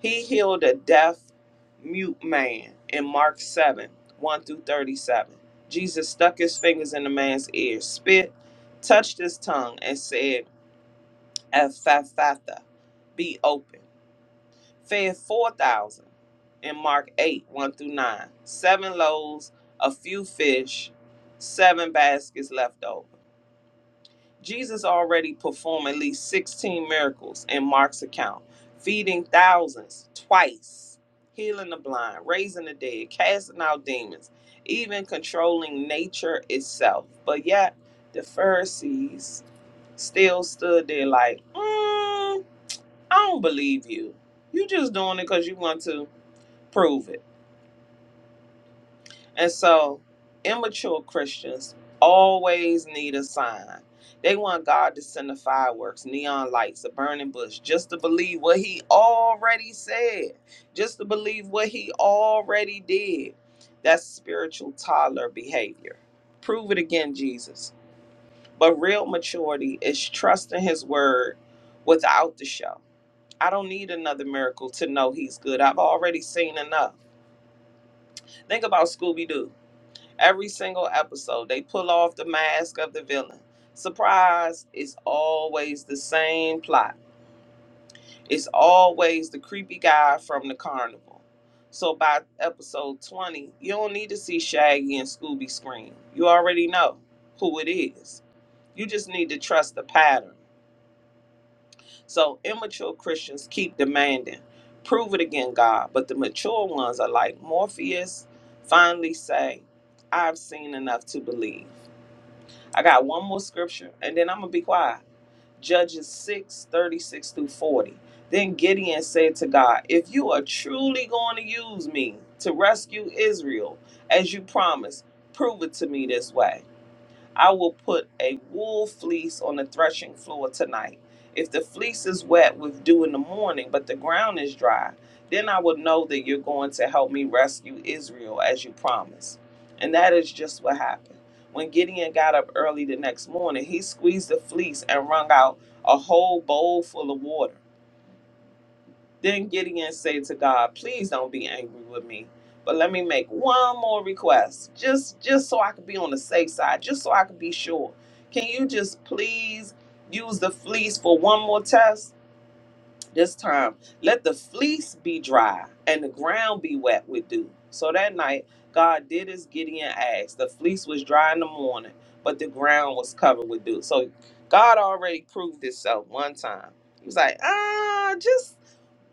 He healed a deaf, mute man in Mark 7 1 through 37. Jesus stuck his fingers in the man's ear, spit, touched his tongue, and said, Ephathatha, be open. Fed 4,000 in Mark 8 1 through 9. Seven loaves, a few fish, seven baskets left over. Jesus already performed at least 16 miracles in Mark's account, feeding thousands twice, healing the blind, raising the dead, casting out demons, even controlling nature itself. But yet, the Pharisees still stood there like, mm, I don't believe you. You just doing it because you want to prove it. And so immature Christians always need a sign. They want God to send the fireworks, neon lights, a burning bush, just to believe what he already said, just to believe what he already did. That's spiritual toddler behavior. Prove it again, Jesus. But real maturity is trusting his word without the show. I don't need another miracle to know he's good. I've already seen enough. Think about Scooby Doo. Every single episode, they pull off the mask of the villain. Surprise, it's always the same plot. It's always the creepy guy from the carnival. So by episode 20, you don't need to see Shaggy and Scooby scream. You already know who it is. You just need to trust the pattern. So immature Christians keep demanding, prove it again, God. But the mature ones are like Morpheus finally say, I've seen enough to believe. I got one more scripture and then I'm going to be quiet. Judges 6 36 through 40. Then Gideon said to God, If you are truly going to use me to rescue Israel as you promised, prove it to me this way. I will put a wool fleece on the threshing floor tonight. If the fleece is wet with dew in the morning, but the ground is dry, then I will know that you're going to help me rescue Israel as you promised. And that is just what happened. When Gideon got up early the next morning, he squeezed the fleece and wrung out a whole bowl full of water. Then Gideon said to God, Please don't be angry with me, but let me make one more request, just just so I could be on the safe side, just so I could be sure. Can you just please use the fleece for one more test? This time, let the fleece be dry and the ground be wet with dew. So that night, God did as Gideon asked. The fleece was dry in the morning, but the ground was covered with dew. So God already proved Himself one time. He was like, ah, just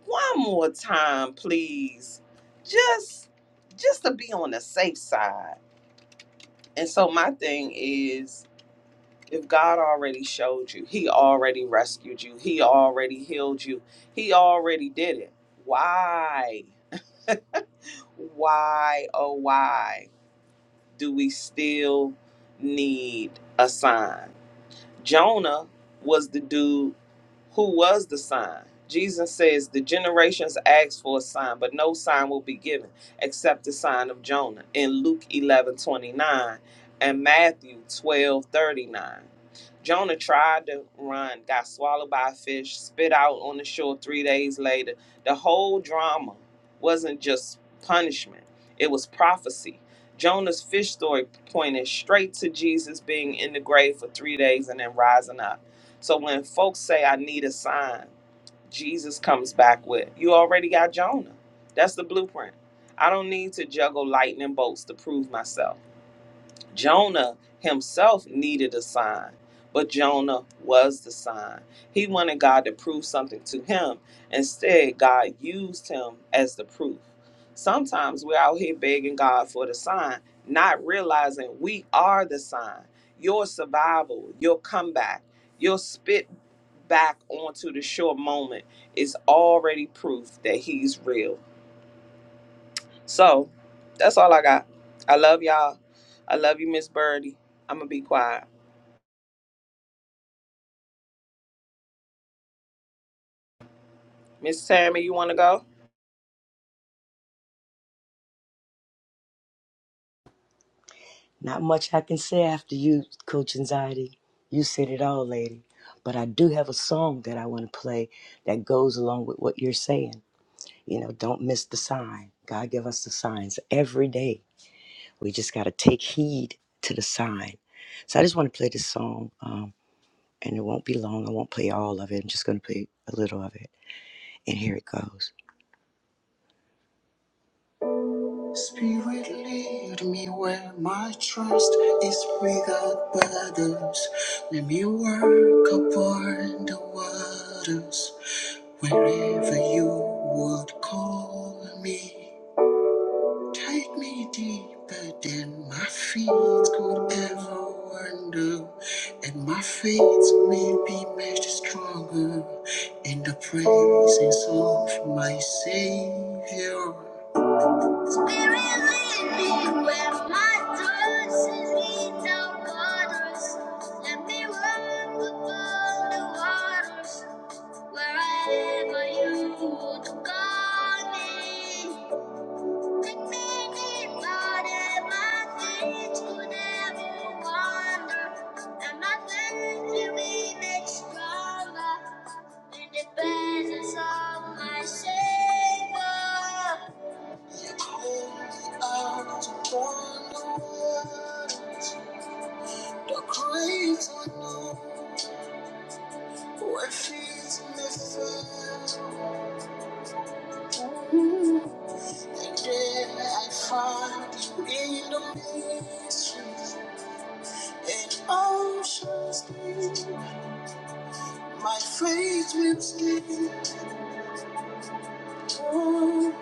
one more time, please. Just just to be on the safe side. And so my thing is if God already showed you, he already rescued you, he already healed you, he already did it. Why? Why oh why do we still need a sign? Jonah was the dude who was the sign. Jesus says, The generations asked for a sign, but no sign will be given except the sign of Jonah in Luke 11:29 and Matthew 12:39. Jonah tried to run, got swallowed by a fish, spit out on the shore three days later. The whole drama wasn't just punishment, it was prophecy. Jonah's fish story pointed straight to Jesus being in the grave for three days and then rising up. So when folks say, I need a sign, Jesus comes back with, You already got Jonah. That's the blueprint. I don't need to juggle lightning bolts to prove myself. Jonah himself needed a sign, but Jonah was the sign. He wanted God to prove something to him. Instead, God used him as the proof. Sometimes we're out here begging God for the sign, not realizing we are the sign. Your survival, your comeback, your spit back onto the shore moment is already proof that He's real. So that's all I got. I love y'all. I love you, Miss Birdie. I'm gonna be quiet. Miss Tammy, you wanna go?
Not much I can say after you, Coach Anxiety. You said it all, lady. But I do have a song that I want to play that goes along with what you're saying. You know, don't miss the sign. God give us the signs every day. We just got to take heed to the sign. So I just want to play this song, um, and it won't be long. I won't play all of it. I'm just going to play a little of it. And here it goes. Spirit, lead me where my trust is without borders. Let me walk upon the waters wherever you would call me. Take me deeper than my feet could ever wander, and my faith will be made stronger in the praises of my Savior. Stronger in the presence of my Savior. My faith will stay on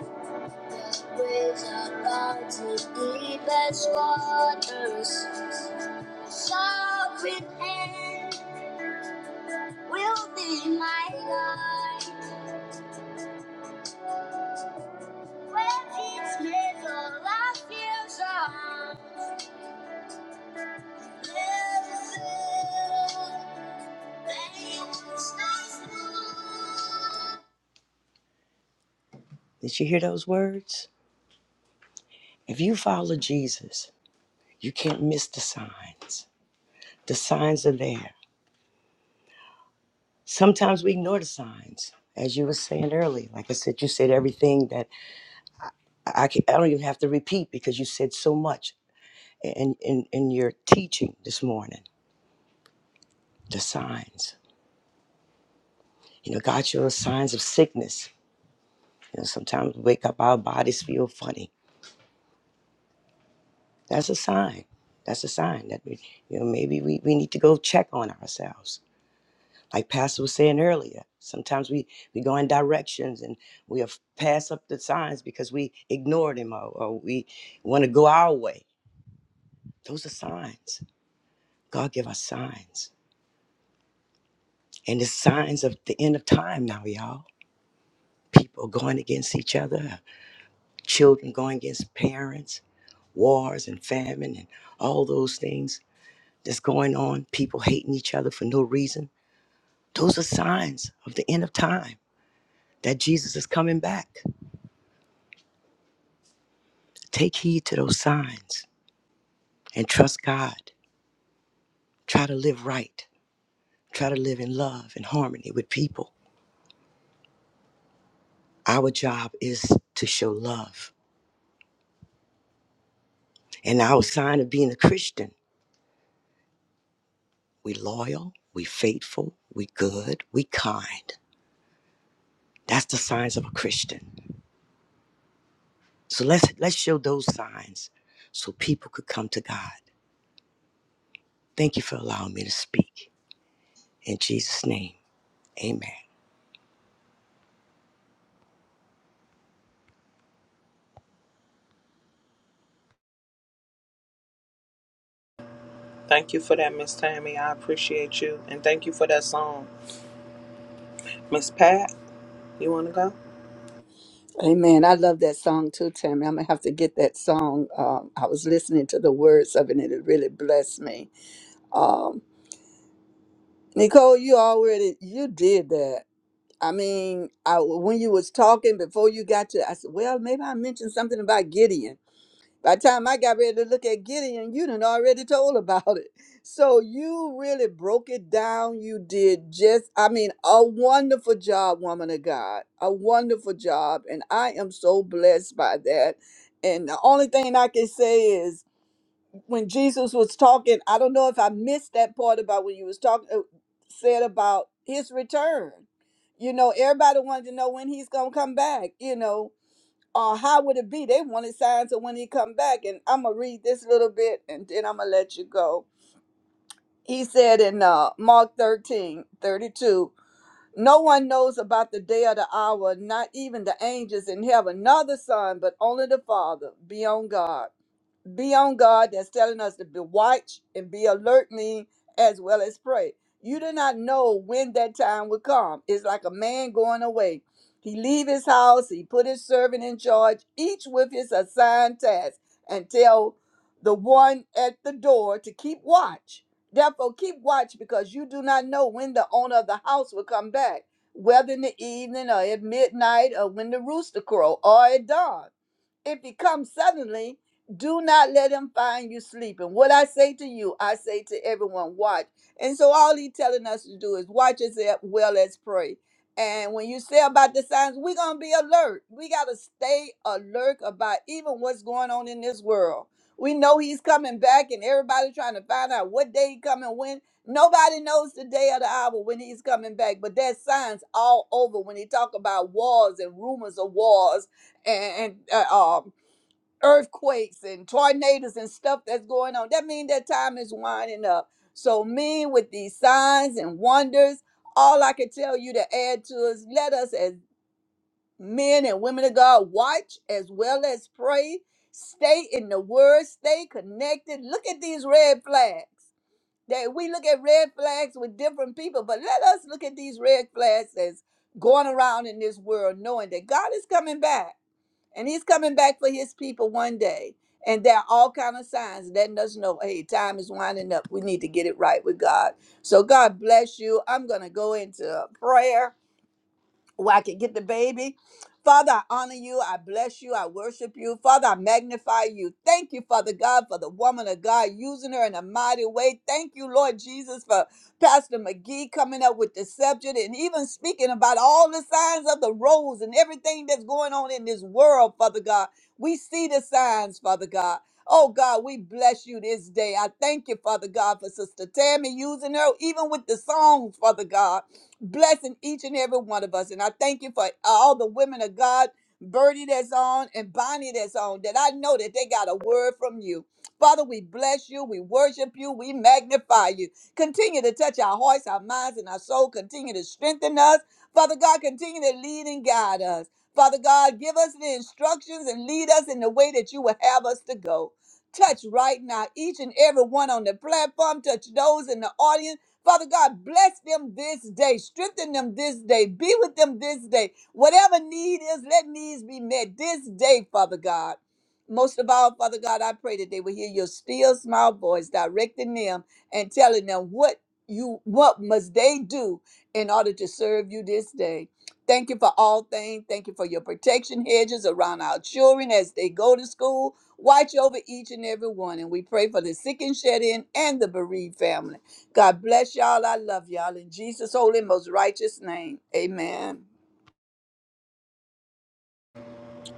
with a bounty deep as waters. Sovereign hand will be my light. When it's made all I feel Never fail. Then you will stay small. Did you hear those words? If you follow Jesus, you can't miss the signs. The signs are there. Sometimes we ignore the signs. As you were saying earlier, like I said, you said everything that I I can, I don't even have to repeat because you said so much in, in, in your teaching this morning the signs. You know, God shows signs of sickness. You know, sometimes we wake up, our bodies feel funny. That's a sign. That's a sign that we, you know, maybe we, we need to go check on ourselves. Like Pastor was saying earlier, sometimes we, we go in directions and we have passed up the signs because we ignore them or, or we want to go our way. Those are signs. God give us signs. And it's signs of the end of time now, y'all. People going against each other, children going against parents, wars and famine and all those things that's going on, people hating each other for no reason. Those are signs of the end of time that Jesus is coming back. Take heed to those signs and trust God. Try to live right. Try to live in love and harmony with people. Our job is to show love. And our sign of being a Christian, we loyal, we faithful, we good, we kind. That's the signs of a Christian. So let's let's show those signs so people could come to God. Thank you for allowing me to speak. In Jesus' name, amen.
Thank you for that, Miss Tammy. I appreciate you. And thank you for that song. Miss Pat, you wanna go?
Amen. I love that song too, Tammy. I'm gonna have to get that song. Um, I was listening to the words of it, and it really blessed me. Um, Nicole, you already you did that. I mean, I, when you was talking before you got to, I said, well, maybe I mentioned something about Gideon by the time I got ready to look at Gideon, you done already told about it. So you really broke it down. You did just, I mean, a wonderful job, woman of God. A wonderful job. And I am so blessed by that. And the only thing I can say is when Jesus was talking, I don't know if I missed that part about when you was talking, uh, said about his return. You know, everybody wanted to know when he's going to come back, you know or how would it be? They wanted signs of when he come back, and I'm gonna read this little bit, and then I'm gonna let you go. He said in uh, Mark 13:32, no one knows about the day or the hour, not even the angels in heaven, nor the Son, but only the Father, be on God be on guard that's telling us to be watch and be alert mean as well as pray you do not know when that time will come it's like a man going away he leave his house he put his servant in charge each with his assigned task and tell the one at the door to keep watch therefore keep watch because you do not know when the owner of the house will come back whether in the evening or at midnight or when the rooster crow or at dawn if he comes suddenly, do not let him find you sleeping. What I say to you, I say to everyone, watch. And so all he's telling us to do is watch as well as pray. And when you say about the signs, we're gonna be alert. We gotta stay alert about even what's going on in this world. We know he's coming back, and everybody trying to find out what day he coming when. Nobody knows the day or the hour when he's coming back, but there's signs all over when he talk about wars and rumors of wars and and uh, um, earthquakes and tornadoes and stuff that's going on. That means that time is winding up. So me with these signs and wonders, all I can tell you to add to is let us as men and women of God watch as well as pray. Stay in the word, stay connected. Look at these red flags. That we look at red flags with different people, but let us look at these red flags as going around in this world knowing that God is coming back and he's coming back for his people one day and there are all kind of signs letting us know hey time is winding up we need to get it right with god so god bless you i'm going to go into prayer where I could get the baby. Father, I honor you. I bless you. I worship you. Father, I magnify you. Thank you, Father God, for the woman of God using her in a mighty way. Thank you, Lord Jesus, for Pastor McGee coming up with the subject and even speaking about all the signs of the rose and everything that's going on in this world, Father God. We see the signs, Father God. Oh God, we bless you this day. I thank you, Father God, for Sister Tammy using her, even with the songs, Father God blessing each and every one of us. And I thank you for all the women of God, Birdie that's on and Bonnie that's on, that I know that they got a word from you. Father, we bless you, we worship you, we magnify you. Continue to touch our hearts, our minds, and our soul. Continue to strengthen us. Father God, continue to lead and guide us. Father God, give us the instructions and lead us in the way that you would have us to go. Touch right now each and every one on the platform. Touch those in the audience Father God, bless them this day. Strengthen them this day. Be with them this day. Whatever need is, let needs be met this day, Father God. Most of all, Father God, I pray that they will hear your still small voice directing them and telling them what you what must they do in order to serve you this day. Thank you for all things. Thank you for your protection hedges around our children as they go to school. Watch over each and every one. And we pray for the sick and shed in and the bereaved families. God bless y'all. I love y'all. In Jesus' holy, most righteous name. Amen.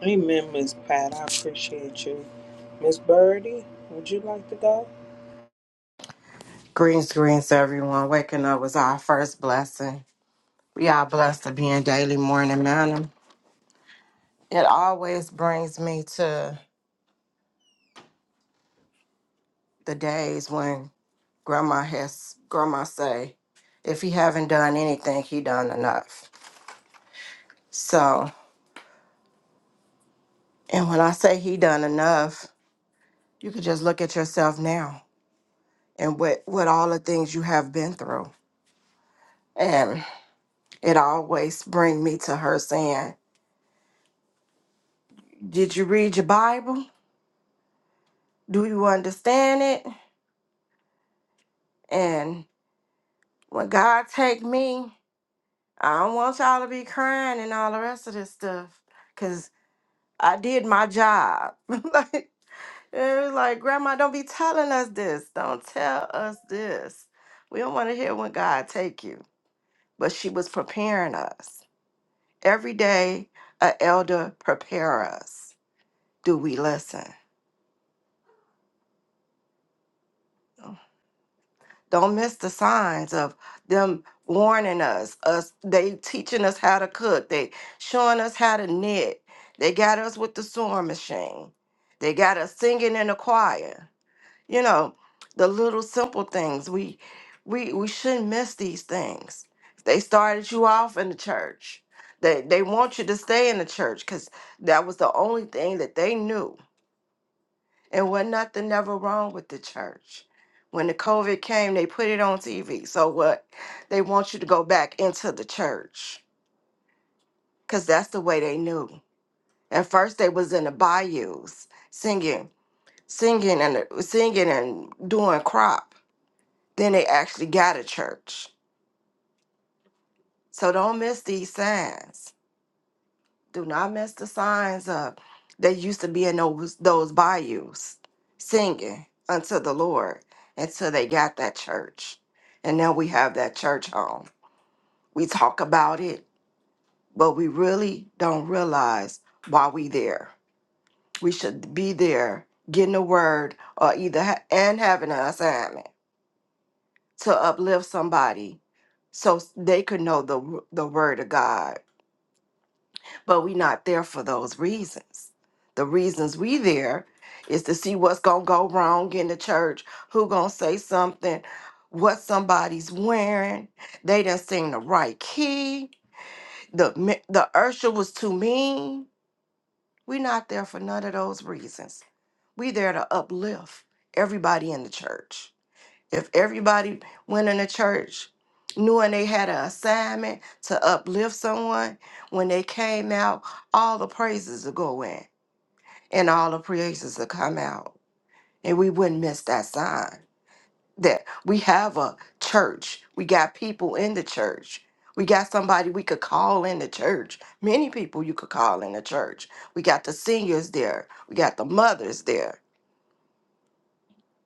Amen, Miss Pat. I appreciate you. Miss Birdie, would you like to go?
Greens, greens, everyone. Waking up was our first blessing. We are blessed to be in daily morning manna. It always brings me to the days when grandma has grandma say, if he haven't done anything, he done enough. So, and when I say he done enough, you could just look at yourself now and what what all the things you have been through. And it always bring me to her saying, Did you read your Bible? Do you understand it? And when God take me, I don't want y'all to be crying and all the rest of this stuff. Cause I did my job. like it was like, Grandma, don't be telling us this. Don't tell us this. We don't want to hear when God take you. But she was preparing us. Every day, a elder prepare us. Do we listen? Don't miss the signs of them warning us. Us they teaching us how to cook. They showing us how to knit. They got us with the sewing machine. They got us singing in the choir. You know, the little simple things. We we we shouldn't miss these things. They started you off in the church. They they want you to stay in the church because that was the only thing that they knew it was nothing never wrong with the church. When the COVID came, they put it on TV. So what? They want you to go back into the church because that's the way they knew. At first, they was in the bayous singing, singing, and uh, singing and doing crop. Then they actually got a church. So don't miss these signs. Do not mess the signs up that used to be in those those bayous singing unto the Lord until they got that church. And now we have that church home. We talk about it, but we really don't realize why we there. We should be there getting a word or either ha- and having an assignment to uplift somebody so they could know the the word of God but we not there for those reasons. The reasons we there is to see what's gonna go wrong in the church, who gonna say something, what somebody's wearing. They didn't sing the right key. The mi- the usher was too mean. We not there for none of those reasons. We there to uplift everybody in the church. If everybody went in the church knowing they had an assignment to uplift someone, when they came out, all the praises would go in and all the praises would come out. And we wouldn't miss that sign that we have a church. We got people in the church. We got somebody we could call in the church. Many people you could call in the church. We got the seniors there. We got the mothers there.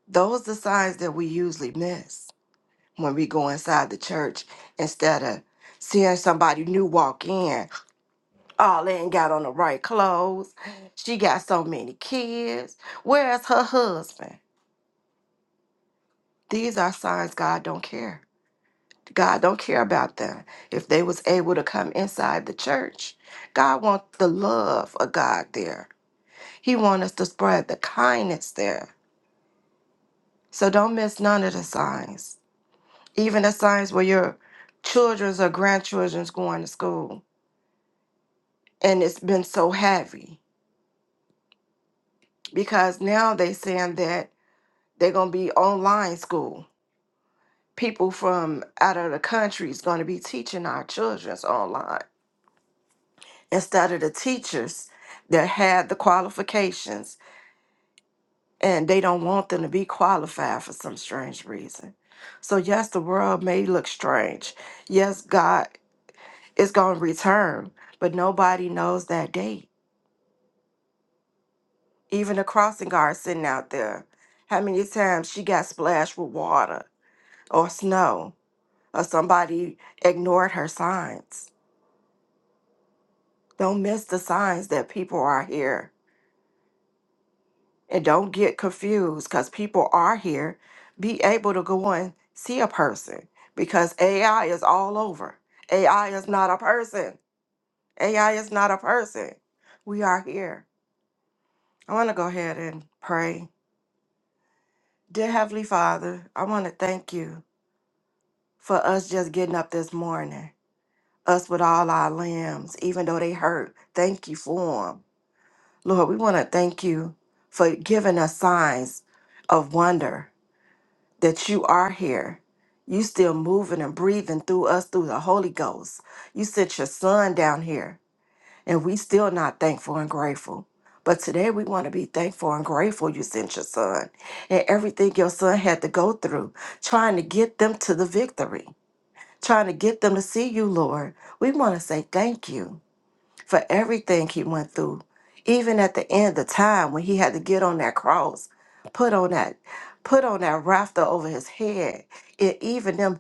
Those are the signs that we usually miss. when we go inside the church instead of seeing somebody new walk in. Oh, they ain't got on the right clothes. She got so many kids. Where's her husband? These are signs God don't care. God don't care about them. If they was able to come inside the church, God wants the love of God there. He wants us to spread the kindness there. So don't miss none of the signs. Even the signs where your children's or grandchildren's going to school and it's been so heavy because now they saying that they're going to be online school people from out of the country is going to be teaching our children's online instead of the teachers that had the qualifications and they don't want them to be qualified for some strange reason so yes the world may look strange yes god is going to return but nobody knows that date Even the crossing guard sitting out there. How many times she got splashed with water or snow or somebody ignored her signs? Don't miss the signs that people are here and don't get confused because people are here. Be able to go and see a person because AI is all over. AI is not a person. AI is not a person. We are here. I want to go ahead and pray. Dear Heavenly Father, I want to thank you for us just getting up this morning, us with all our limbs, even though they hurt. Thank you for them. Lord, we want to thank you for giving us signs of wonder that you are here. You still moving and breathing through us through the Holy Ghost. You sent your son down here, and we still not thankful and grateful. But today we want to be thankful and grateful you sent your son and everything your son had to go through trying to get them to the victory trying to get them to see you, Lord. We want to say thank you for everything he went through. Even at the end of time when he had to get on that cross, put on that, put on that rafter over his head. It even them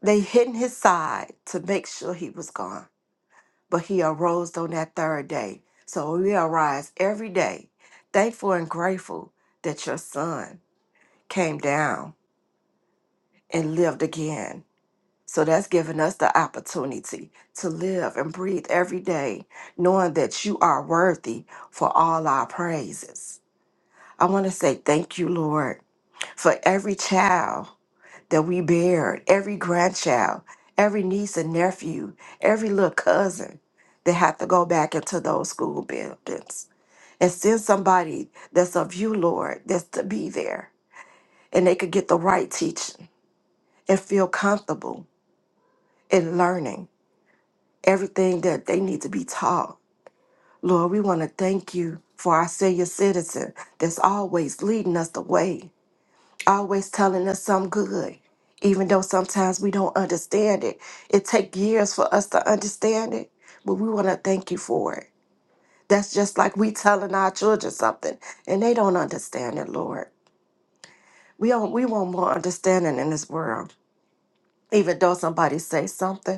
they hidden his side to make sure he was gone. But he arose on that third day. So we arise every day, thankful and grateful that your son came down and lived again So that's given us the opportunity to live and breathe every day, knowing that you are worthy for all our praises. I want to say thank you, Lord, for every child that we bear, every grandchild, every niece and nephew, every little cousin that have to go back into those school buildings and send somebody that's of you, Lord, that's to be there and they could get the right teaching and feel comfortable in learning everything that they need to be taught. Lord, we want to thank you for our senior citizen that's always leading us the way, always telling us some good. Even though sometimes we don't understand it, it takes years for us to understand it, but we want to thank you for it. That's just like we telling our children something and they don't understand it, Lord. We don't, we want more understanding in this world. Even though somebody say something,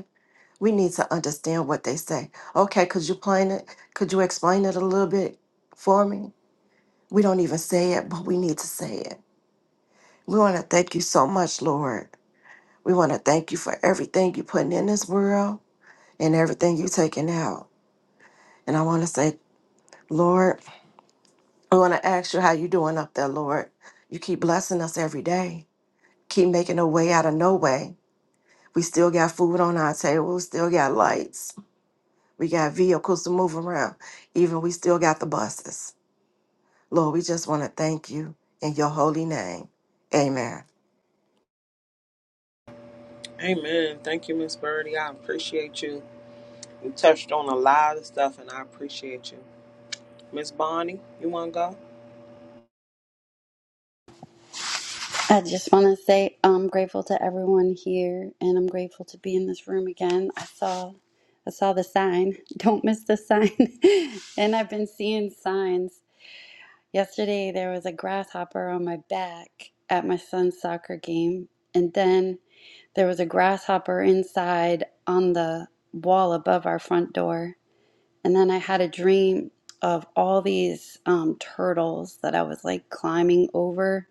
We need to understand what they say. Okay, could you explain it? Could you explain it a little bit for me? We don't even say it, but we need to say it. We want to thank you so much, Lord. We want to thank you for everything you're putting in this world and everything you're taking out. And I want to say, Lord, I want to ask you how you doing up there, Lord. You keep blessing us every day. Keep making a way out of no way. We still got food on our table, still got lights. We got vehicles to move around. Even we still got the buses. Lord, we just want to thank you in your holy name. Amen.
Amen. Thank you, Miss Birdie. I appreciate you. You touched on a lot of stuff and I appreciate you. Miss Bonnie, you wanna go?
I just want to say I'm grateful to everyone here, and I'm grateful to be in this room again. I saw, I saw the sign. Don't miss the sign. and I've been seeing signs. Yesterday there was a grasshopper on my back at my son's soccer game, and then there was a grasshopper inside on the wall above our front door. And then I had a dream of all these um, turtles that I was like climbing over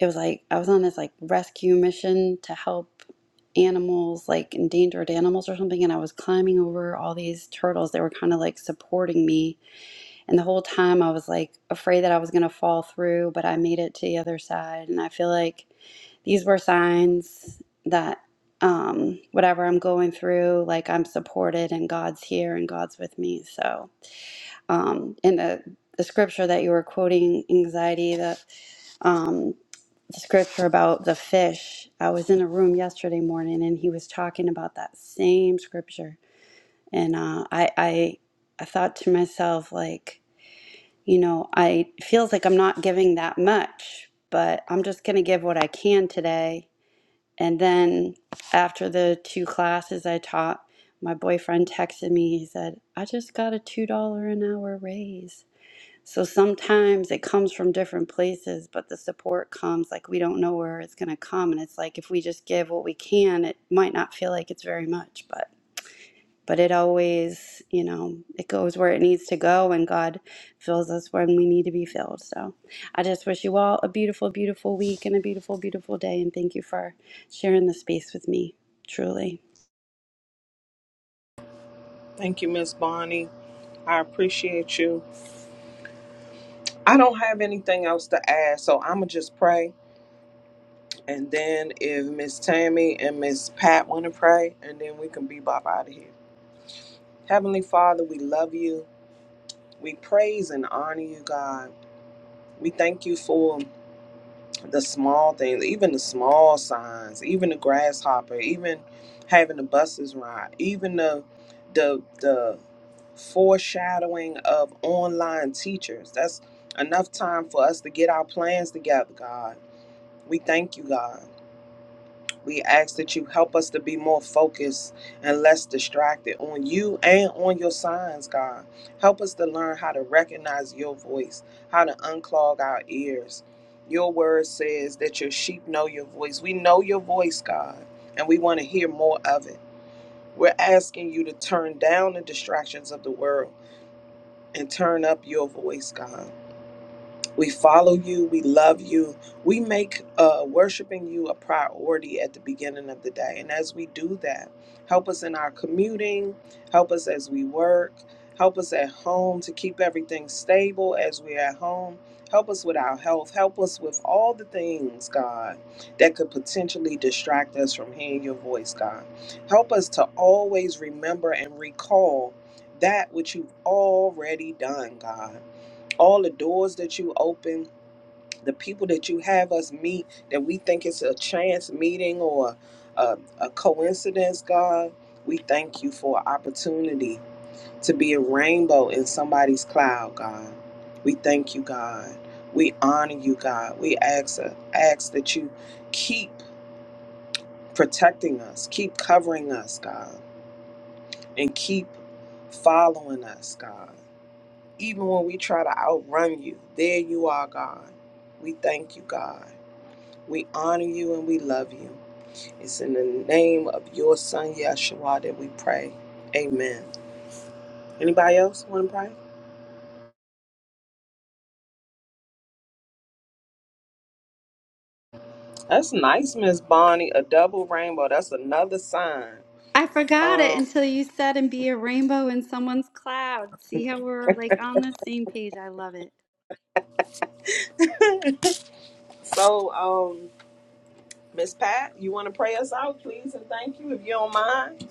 it was like I was on this like rescue mission to help animals, like endangered animals or something, and I was climbing over all these turtles they were kind of like supporting me. And the whole time I was like afraid that I was gonna fall through, but I made it to the other side. And I feel like these were signs that um whatever I'm going through, like I'm supported and God's here and God's with me. So um in the the scripture that you were quoting, anxiety, that um, the scripture about the fish. I was in a room yesterday morning and he was talking about that same scripture. And uh, I, I, I thought to myself, like, you know, I it feels like I'm not giving that much, but I'm just going to give what I can today. And then after the two classes I taught, my boyfriend texted me. He said, I just got a $2 an hour raise. So sometimes it comes from different places, but the support comes like we don't know where it's going to come. And it's like if we just give what we can, it might not feel like it's very much, but but it always, you know, it goes where it needs to go and God fills us when we need to be filled. So I just wish you all a beautiful, beautiful week and a beautiful, beautiful day. And thank you for sharing the space with me. Truly.
Thank you, Miss Bonnie. I appreciate you. I don't have anything else to add, so I'ma just pray, and then if Miss Tammy and Miss Pat want to pray, and then we can bebop out of here. Heavenly Father, we love you. We praise and honor you, God. We thank you for the small things, even the small signs, even the grasshopper, even having the buses ride, even the the the foreshadowing of online teachers. That's enough time for us to get our plans together, God We thank you, God. We ask that you help us to be more focused and less distracted on you and on your signs, God. Help us to learn how to recognize your voice, how to unclog our ears. Your word says that your sheep know your voice. We know your voice, God, and we want to hear more of it. We're asking you to turn down the distractions of the world and turn up your voice, God. We follow you. We love you. We make uh, worshiping you a priority at the beginning of the day. And as we do that, help us in our commuting, help us as we work, help us at home to keep everything stable as we're at home. Help us with our health. Help us with all the things, God, that could potentially distract us from hearing your voice, God. Help us to always remember and recall that which you've already done, God all the doors that you open, the people that you have us meet that we think it's a chance meeting or a, a coincidence, God, we thank you for opportunity to be a rainbow in somebody's cloud, God. We thank you, God. We honor you, God. We ask, ask that you keep protecting us, keep covering us, God, and keep following us, God. Even when we try to outrun you, there you are, God. We thank you, God. We honor you and we love you. It's in the name of your son, Yeshua, that we pray. Amen. Anybody else want to pray? That's nice, Miss Bonnie. A double rainbow. That's another sign.
I forgot it
Um,
until you said and be a rainbow in someone's cloud. See how we're like on the same page. I love it.
so, um, Miss Pat, you want to pray us out, please, and thank you if you don't mind.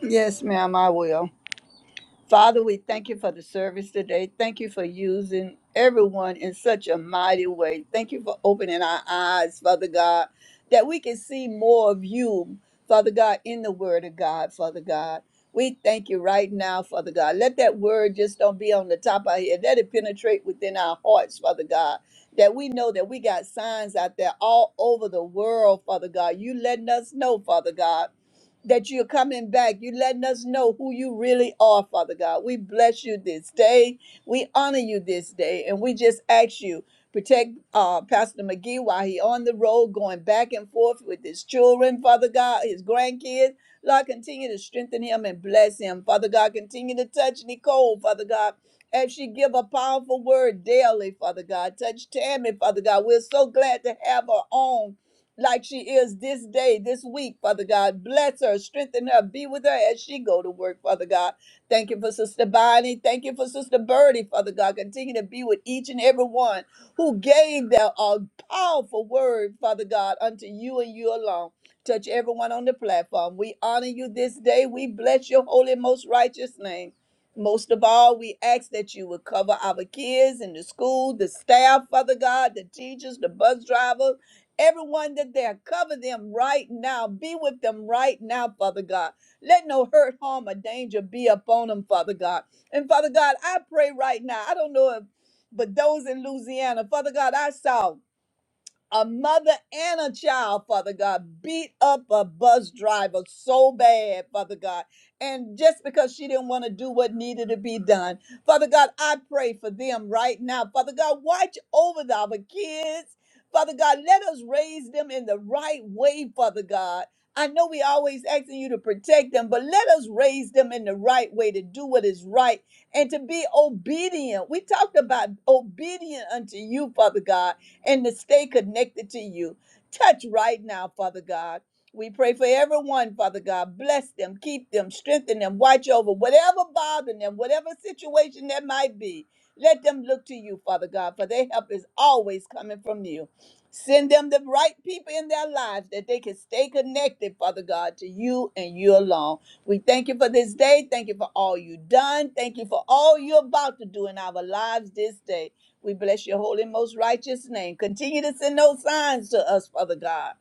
Yes, ma'am, I will. Father, we thank you for the service today. Thank you for using everyone in such a mighty way. Thank you for opening our eyes, Father God, that we can see more of you, Father God, in the Word of God, Father God. We thank you right now, Father God. Let that word just don't be on the top of our head. Let it penetrate within our hearts, Father God. That we know that we got signs out there all over the world, Father God. You letting us know, Father God that you're coming back. You're letting us know who you really are, Father God. We bless you this day. We honor you this day. And we just ask you, protect uh, Pastor McGee while he on the road, going back and forth with his children, Father God, his grandkids. Lord, continue to strengthen him and bless him. Father God, continue to touch Nicole, Father God. As she give a powerful word daily, Father God, touch Tammy, Father God. We're so glad to have her on like she is this day, this week, Father God. Bless her, strengthen her, be with her as she go to work, Father God. Thank you for Sister Bonnie. Thank you for Sister Birdie, Father God. Continue to be with each and every one who gave their uh, powerful word, Father God, unto you and you alone. Touch everyone on the platform. We honor you this day. We bless your holy, most righteous name. Most of all, we ask that you would cover our kids in the school, the staff, Father God, the teachers, the bus drivers Everyone that there, cover them right now. Be with them right now, Father God. Let no hurt, harm, or danger be upon them, Father God. And Father God, I pray right now. I don't know if, but those in Louisiana, Father God, I saw a mother and a child, Father God, beat up a bus driver so bad, Father God. And just because she didn't want to do what needed to be done, Father God, I pray for them right now. Father God, watch over the- our kids. Father God, let us raise them in the right way, Father God. I know we always asking you to protect them, but let us raise them in the right way to do what is right and to be obedient. We talked about obedient unto you, Father God and to stay connected to you. Touch right now, Father God. We pray for everyone, Father God. Bless them, keep them, strengthen them, watch over whatever bothering them, whatever situation that might be. Let them look to you, Father God, for their help is always coming from you. Send them the right people in their lives that they can stay connected, Father God, to you and you alone. We thank you for this day. Thank you for all you've done. Thank you for all you're about to do in our lives this day. We bless your holy, most righteous name. Continue to send those signs to us, Father God.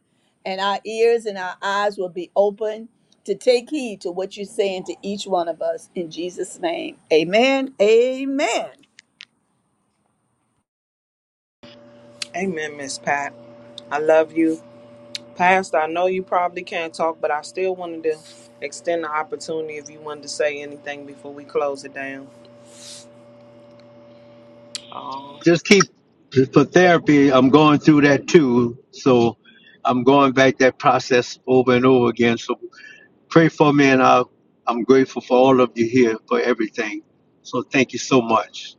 And our ears and our eyes will be open to take heed to what you're saying to each one of us. In Jesus' name, amen. Amen.
Amen, Miss Pat. I love you. Pastor, I know you probably can't talk, but I still wanted to extend the opportunity if you wanted to say anything before we close it down. Um,
Just keep for therapy. I'm going through that too, so I'm going back that process over and over again. So Pray for me, and I'll, I'm grateful for all of you here for everything. So thank you so much.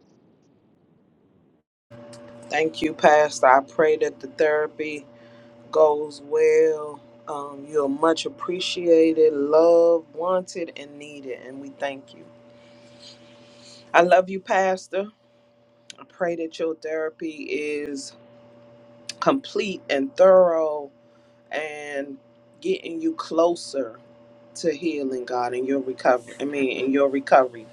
thank you, Pastor. I pray that the therapy goes well. Um, you're much appreciated, loved, wanted, and needed, and we thank you. I love you, Pastor. I pray that your therapy is complete and thorough and getting you closer to healing, God, in your recovery. I mean, in your recovery.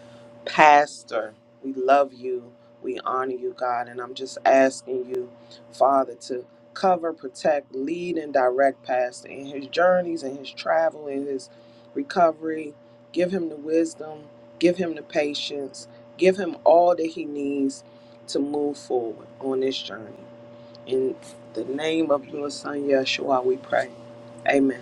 Pastor, we love you. We honor you, God. And I'm just asking you, Father, to cover, protect, lead, and direct Pastor in his journeys, in his travel, in his recovery. Give him the wisdom, give him the patience, give him all that he needs to move forward on this journey. In the name of your son Yeshua, we pray. Amen.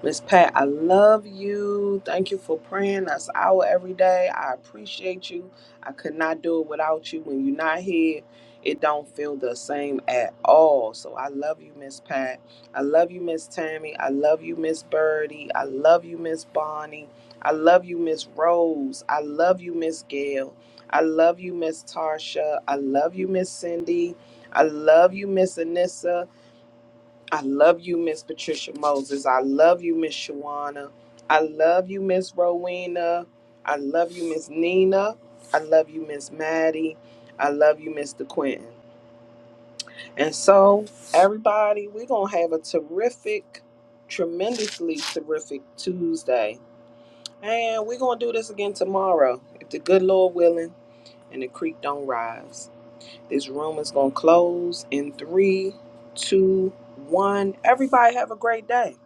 Miss Pat, I love you. Thank you for praying us out every day. I appreciate you. I could not do it without you. When you're not here, it don't feel the same at all. So I love you, Miss Pat. I love you, Miss Tammy. I love you, Miss Birdie. I love you, Miss Bonnie. I love you, Miss Rose. I love you, Miss Gail. I love you, Miss Tarsha. I love you, Miss Cindy. I love you, Miss Anissa. I love you, Miss Patricia Moses. I love you, Miss Shawana. I love you, Miss Rowena. I love you, Miss Nina. I love you, Miss Maddie. I love you, Mr. Quentin. And so, everybody, we're going to have a terrific, tremendously terrific Tuesday. And we're going to do this again tomorrow, if the good Lord willing and the creek don't rise. This room is going to close in three, two, one. Everybody have a great day.